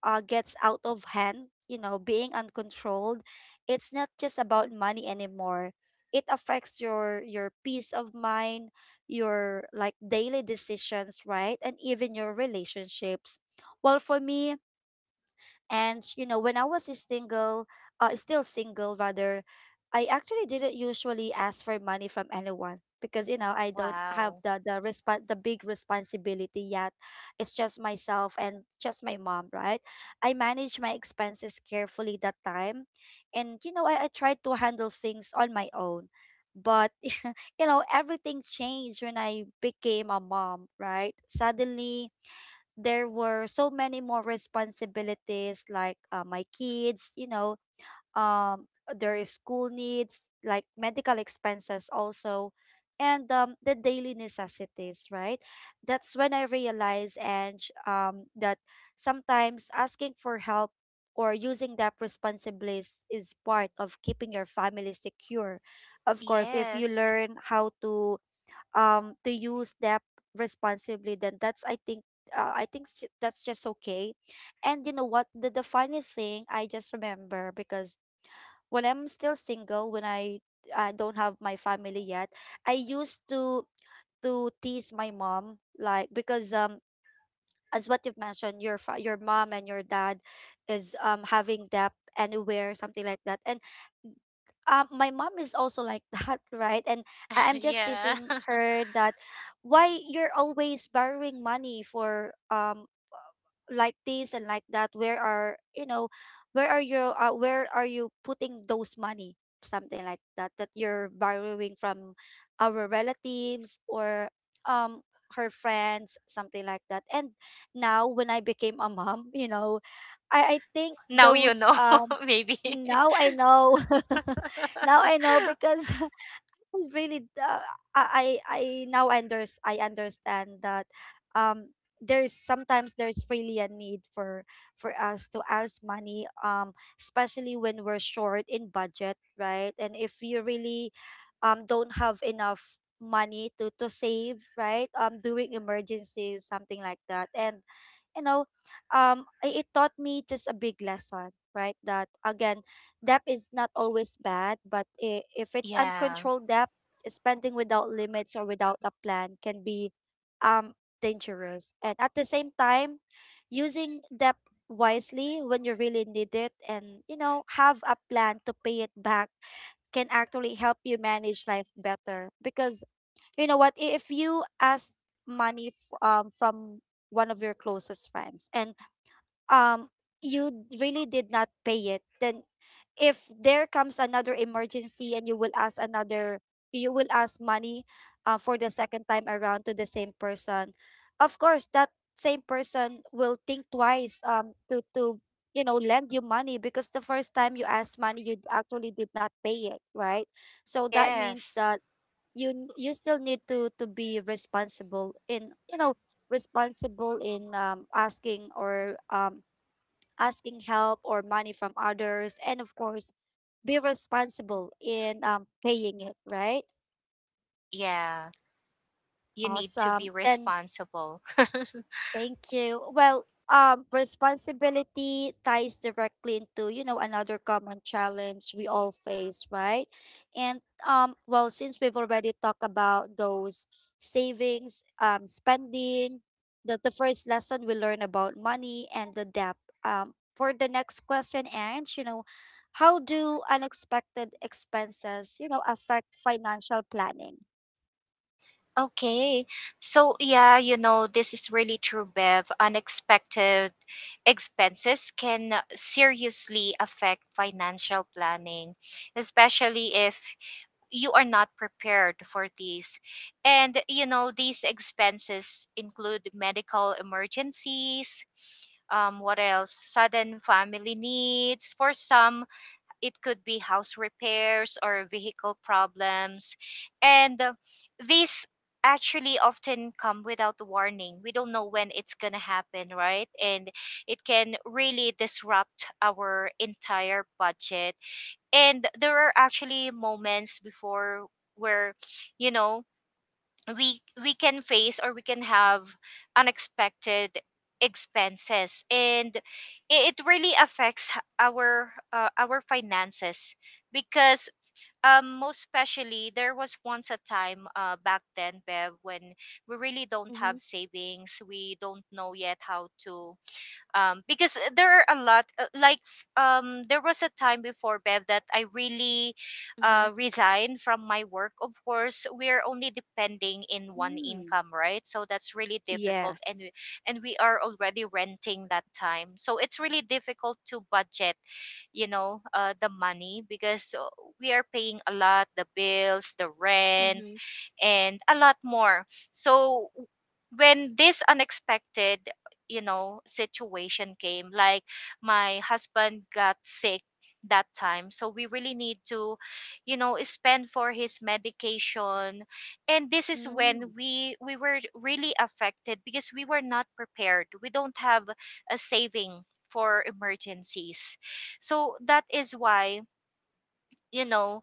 S1: gets out of hand, you know, being uncontrolled, it's not just about money anymore. It affects your peace of mind, your like daily decisions, right? And even your relationships. Well, for me, and you know, when I was single, still single rather, I actually didn't usually ask for money from anyone, because you know, I don't have
S2: Wow.
S1: the, the big responsibility yet. It's just myself and just my mom, right? I manage my expenses carefully that time, and you know, I tried to handle things on my own, but you know, everything changed when I became a mom, right? Suddenly, there were so many more responsibilities, like my kids, you know, um their school needs, like medical expenses also, and the daily necessities, right? That's when I realized, and that sometimes asking for help or using that responsibilities is part of keeping your family secure. Of course, if you
S2: Yes.
S1: learn how to, to use that responsibly, then that's, I think, that's just okay. And you know what, the funniest thing I just remember, because when I'm still single, when I don't have my family yet, I used to, tease my mom, like, because as what you've mentioned, your your mom and your dad is, having debt anywhere, something like that. And my mom is also like that, right? And I'm just
S2: Yeah.
S1: teasing her that, why you're always borrowing money for like this and like that. Where are, you know, where are you? Where are you putting those money? Something like that, that you're borrowing from our relatives, or um her friends, something like that. And now when I became a mom, you know, I think
S2: Now you
S1: those
S2: know. Maybe.
S1: now I know. Now I know, because really, I now under I understand that, um there's sometimes there's really a need for us to ask money, especially when we're short in budget, right? And if you really don't have enough money to save, right, during emergencies, something like that. And you know, it taught me just a big lesson, right? That again, debt is not always bad, but if it's
S2: Yeah.
S1: uncontrolled debt, spending without limits or without a plan, can be, um, dangerous. And at the same time, using debt wisely when you really need it, and you know, have a plan to pay it back, can actually help you manage life better. Because you know what, if you ask money, from one of your closest friends, and um you really did not pay it, then if there comes another emergency and you will ask another, you will ask money for the second time around to the same person, of course that same person will think twice to, you know, lend you money, because the first time you asked money, you actually did not pay it, right? So that means
S2: Yes.
S1: that you you still need to be responsible in, you know, responsible in asking, or asking help or money from others, and of course, be responsible in paying it, right?
S2: Yeah, you need to be
S1: Awesome, then.
S2: responsible.
S1: Thank you. Well, responsibility ties directly into, you know, another common challenge we all face, right? And well, since we've already talked about those savings, spending, the first lesson we learn about money, and the debt. For the next question, Ange, you know, how do unexpected expenses, you know, affect financial planning?
S2: Okay. So yeah, you know, this is really true, Bev. Unexpected expenses can seriously affect financial planning, especially if you are not prepared for these. And you know, these expenses include medical emergencies. What else? Sudden family needs. For some, it could be house repairs or vehicle problems, and these actually often come without warning. We don't know when it's going to happen, right? And it can really disrupt our entire budget. And there are actually moments before where, you know, we can face, or we can have unexpected expenses, and it really affects our finances, because most especially, there was once a time, back then, Bev,
S1: Mm-hmm.
S2: when we really don't have savings. We don't know yet how to, because there are a lot, like, there was a time before, Bev, that I really
S1: Mm-hmm.
S2: resigned from my work. Of course we're only depending in one
S1: Mm,
S2: income, right? So that's really difficult. and
S1: yes.
S2: we, and we are already renting that time, so it's really difficult to budget, you know, the money, because we are paying a lot: the bills, the rent,
S1: Mm-hmm.
S2: and a lot more. So when this unexpected, you know, situation came, like my husband got sick that time, so we really need to, you know, spend for his medication. And this is
S1: Mm.
S2: when we were really affected, because we were not prepared. We don't have a saving for emergencies. So that is why, you know,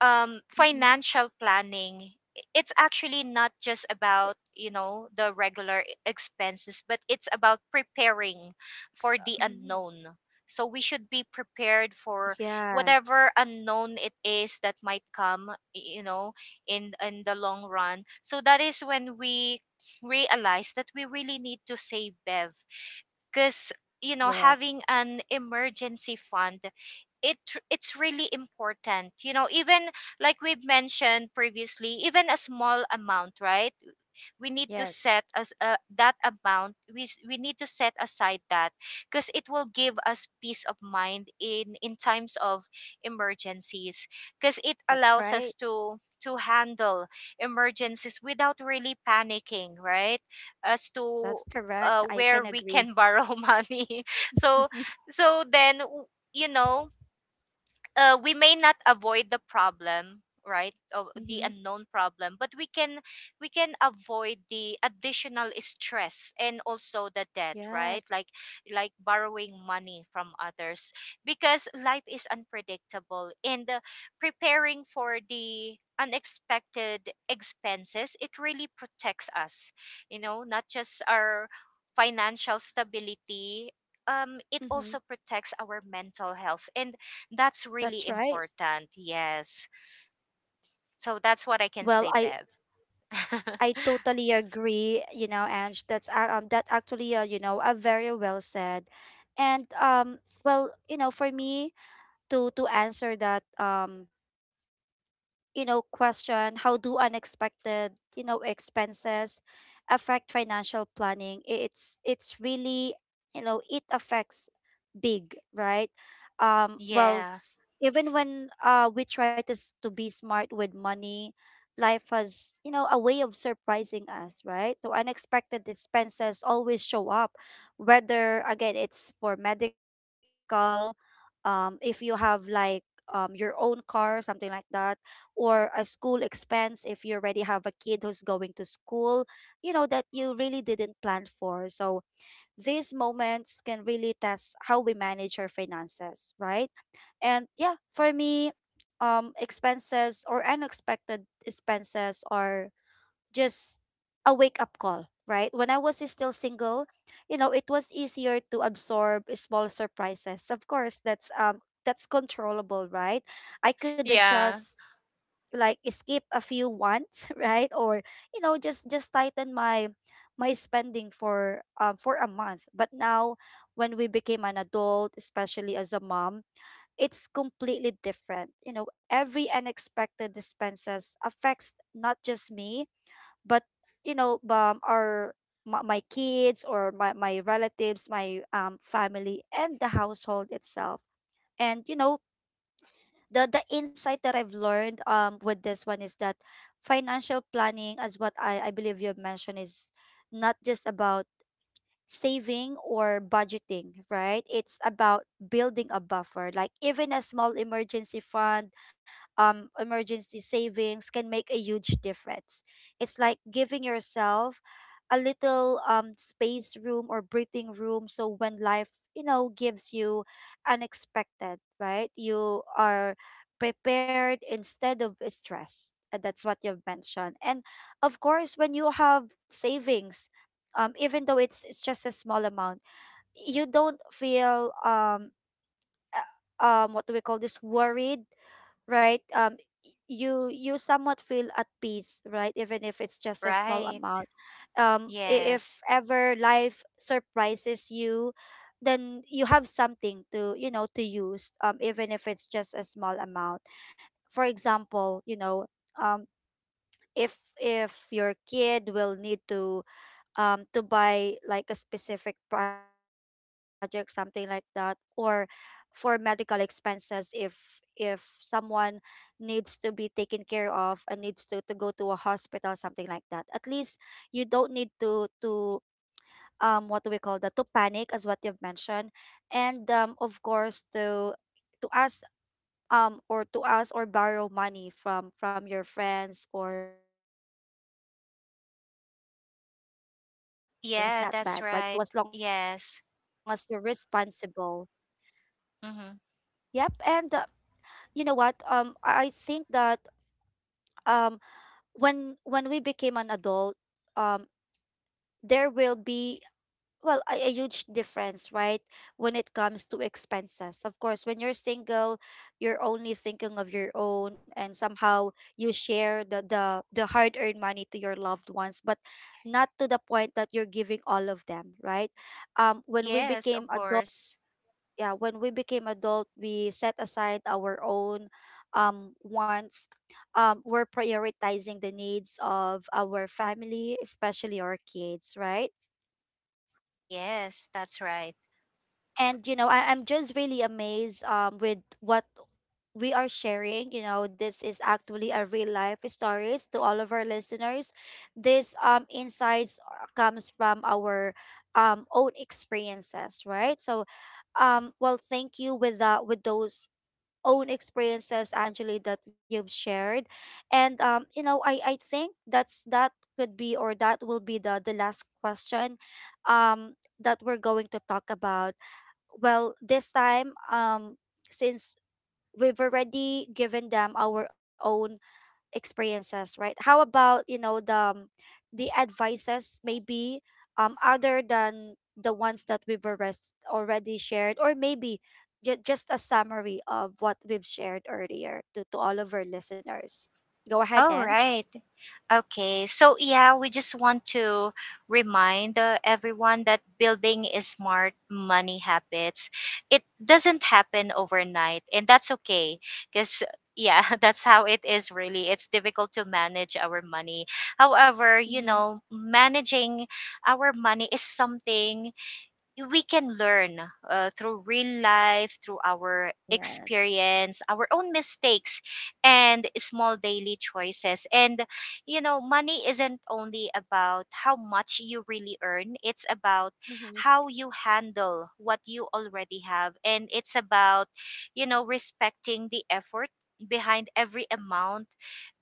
S1: Mhm.
S2: financial planning, it's actually not just about, you know, the regular expenses, but it's about preparing
S1: Mhm.
S2: for the unknown. So we should be prepared for
S1: Yes,
S2: whatever unknown it is that might come, you know, in the long run. So that is when we realize that we really need to save, Bev, because, you know,
S1: yes,
S2: having an emergency fund, it it's really important. You know, even like we've mentioned previously, even a small amount, right, we need to
S1: yes.
S2: set as, that amount, we we need to set aside that, because it will give us peace of mind in times of emergencies, because it
S1: That's
S2: allows us
S1: right.
S2: to handle emergencies without really panicking, right? As to
S1: That's correct. I can
S2: where we
S1: agree.
S2: can borrow money. So so then w- you know, we may not avoid the problem, right, or the
S1: Mm-hmm.
S2: unknown problem, but we can, we can avoid the additional stress and also the debt,
S1: Yes.
S2: right? Like borrowing money from others. Because life is unpredictable, and preparing for the unexpected expenses, it really protects us, you know, not just our financial stability, it also
S1: Mm-hmm.
S2: protects our mental health, and that's really
S1: That's right.
S2: important. Yes. So that's what I can
S1: Well,
S2: say,
S1: I
S2: Bev.
S1: I totally agree, you know, Ange. That actually you know, very well said. And well, you know, for me to answer that you know, question, how do unexpected, you know, expenses affect financial planning? It's really, you know, it affects big, right? Well,
S2: Yeah.
S1: even when we try to to be smart with money, life has, you know, a way of surprising us, right? So unexpected expenses always show up, whether again it's for medical, if you have like your own car, something like that, or a school expense if you already have a kid who's going to school, you know, that you really didn't plan for. So these moments can really test how we manage our finances, right? And yeah, for me, expenses or unexpected expenses are just a wake up call, right? When I was still single, you know, it was easier to absorb small surprises. Of course, that's controllable, right? I could
S2: Yeah.
S1: adjust like skip a few wants, right? Or, you know, just tighten my spending for a month. But now when we became an adult, especially as a mom, it's completely different. You know, every unexpected expenses affects not just me, but you know, our my kids or my relatives, my family, and the household itself. And you know, the insight that I've learned with this one is that financial planning, as what I believe you have mentioned, is not just about saving or budgeting, right? It's about building a buffer. Like even a small emergency fund, emergency savings can make a huge difference. It's like giving yourself a little space room or breathing room so when life, you know, gives you unexpected, right? You are prepared instead of stressed. And that's what you've mentioned. And of course, when you have savings, even though it's just a small amount, you don't feel what do we call this, worried, right? You somewhat feel at peace, right? Even if it's just a small
S2: Right.
S1: amount. If
S2: Yes.
S1: ever life surprises you, then you have something to, you know, to use. Even if it's just a small amount. For example, you know, um, if your kid will need to buy like a specific project, something like that, or for medical expenses if someone needs to be taken care of and needs to go to a hospital, something like that. At least you don't need to um, what do we call that, to panic as what you've mentioned. And of course to ask um, or to ask or borrow money from your friends or from your relatives. But we all know that
S2: Yeah,
S1: borrowing
S2: that's
S1: money is
S2: right.
S1: not bad, right?
S2: Yes.
S1: So as long as you're responsible.
S2: Mm-hmm.
S1: Yep. And you know what? I think that um, when we became an adult, um, there will be well a huge difference, right, when it comes to expenses. Of course, when you're single, you're only thinking of your own, and somehow you share the hard earned money to your loved ones, but not to the point that you're giving all of them, right. When we
S2: Yes,
S1: became
S2: of
S1: adult,
S2: course.
S1: Yeah, when we became adult, we set aside our own wants. Um, we're prioritizing the needs of our family, especially our kids, right.
S2: Yes, that's right.
S1: And you know, I'm just really amazed with what we are sharing. You know, this is actually a real life stories to all of our listeners. This insights comes from our own experiences, right. So well, thank you with that, with those own experiences, Angeli, that you've shared. And you know, I think that could be or that will be the last question um that we're going to talk about. Well, this time, since we've already given them our own experiences, right, how about, you know, the advices maybe, other than the ones that we've already shared, or maybe just a summary of what we've shared earlier to all of our listeners. Go ahead,
S2: All
S1: Ange.
S2: right. Okay, so yeah, we just want to remind everyone that building is smart money habits. It doesn't happen overnight, and that's okay, because yeah, that's how it is really. It's difficult to manage our money. However, you
S1: Mm-hmm.
S2: know, managing our money is something we can learn through real life, through our
S1: Yes.
S2: experience, our own mistakes, and small daily choices. And you know, money isn't only about how much you really earn, it's about
S1: Mm-hmm.
S2: how you handle what you already have. And it's about, you know, respecting the effort behind every amount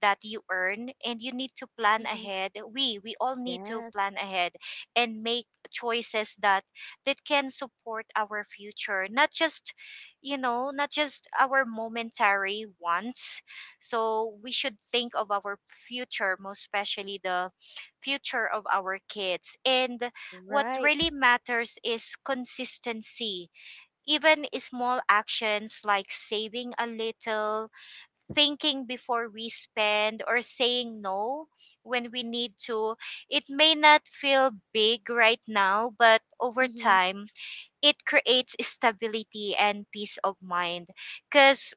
S2: that you earn. And you need to plan
S1: Mm-hmm.
S2: ahead, we all need to
S1: Yes.
S2: plan ahead, and make choices that can support our future, not just, you know, not just our momentary wants. So we should think of our future, most especially the future of our kids. And what
S1: Right.
S2: really matters is consistency. Even small actions like saving a little, thinking before we spend, or saying no when we need to, it may not feel big right now, but over
S1: Mm-hmm.
S2: time it creates stability and peace of mind. Because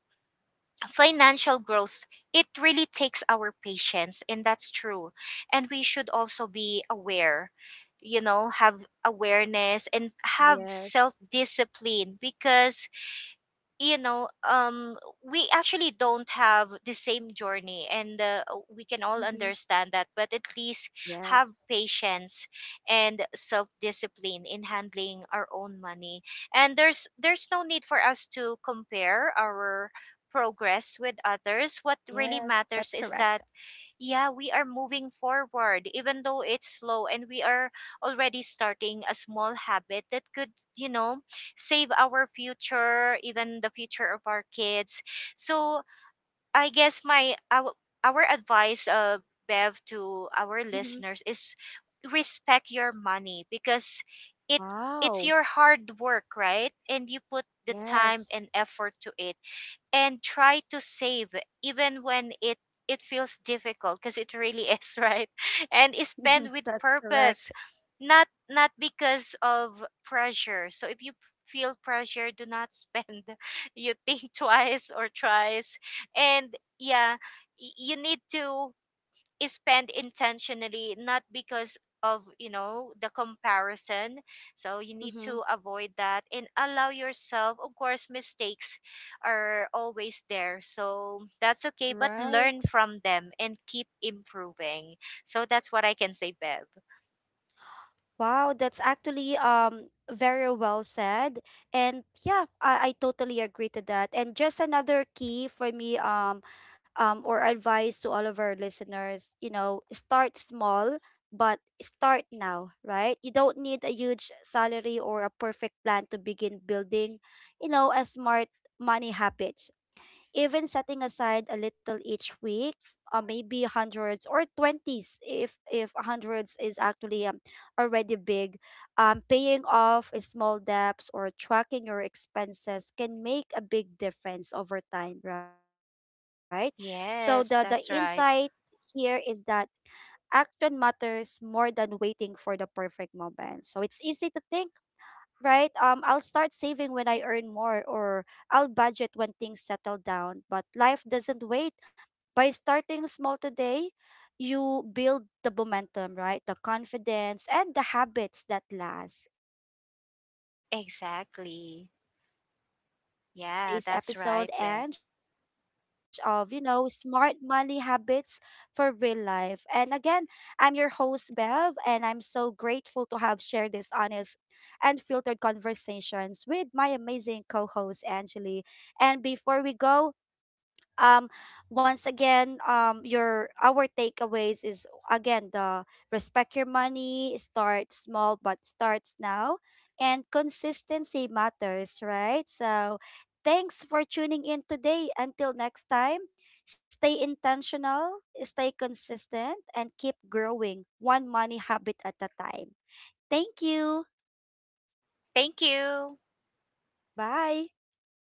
S2: financial growth, it really takes our patience, and that's true. And we should also be aware, you know, have awareness and have self
S1: Yes.
S2: discipline. Because, you know, we actually don't have the same journey, and we can all
S1: Mm-hmm.
S2: understand that, but at least have
S1: Yes.
S2: patience and self discipline in handling our own money. And there's no need for us to compare our progress with others. What
S1: Yes,
S2: really
S1: that's
S2: matters is
S1: correct.
S2: that, yeah, we are moving forward even though it's slow, and we are already starting a small habit that could, you know, save our future, even the future of our kids. So I guess our advice, Bev, to our
S1: Hmm.
S2: listeners is respect your money, because it, it's
S1: Wow.
S2: your hard work, right? And you put the time
S1: Yes,
S2: and effort to it. And try to save even when it feels difficult, because it really is, right? And spend with
S1: that's
S2: purpose,
S1: correct.
S2: not because of pressure. So if you feel pressure, do not spend. You think twice or thrice. And yeah, you need to is spent intentionally, not because of, you know, the comparison. So you need
S1: Hmm.
S2: to avoid that, and allow yourself, of course mistakes are always there, so that's okay, but
S1: Right.
S2: learn from them and keep improving. So that's what I can say, Bev.
S1: Wow, that's actually very well said. And yeah, I totally agree to that. And just another key for me, or advice to all of our listeners, you know, start small, but start now, right? You don't need a huge salary or a perfect plan to begin building, you know, a smart money habits. Even setting aside a little each week, maybe hundreds or 20s, if hundreds is actually already big, paying off small debts or tracking your expenses can make a big difference over time, right? So the insight
S2: Yes, that's
S1: here
S2: right.
S1: is that action matters more than waiting for the perfect moment. So it's easy to think, right? I'll start saving when I earn more, or I'll budget when things settle down. But life doesn't wait. By starting small today, you build the momentum, right? The confidence and the habits that last. And that's a wraps. You know,
S2: Exactly.
S1: that wrap
S2: Yeah,
S1: ups our
S2: that's right,
S1: today's
S2: Bev.
S1: episode and of, you know, smart money habits for real life. And again, I'm your host Bev, and I'm so grateful to have shared this honest and filtered conversations with my amazing co-host Angeli. And before we go, um, once again, your our takeaways is, again, the respect your money, start small but starts now, and consistency matters, right? So, thanks for tuning in today. Until next time, stay intentional, stay consistent, and keep growing one money habit at a time. Thank you.
S2: Thank you.
S1: Bye.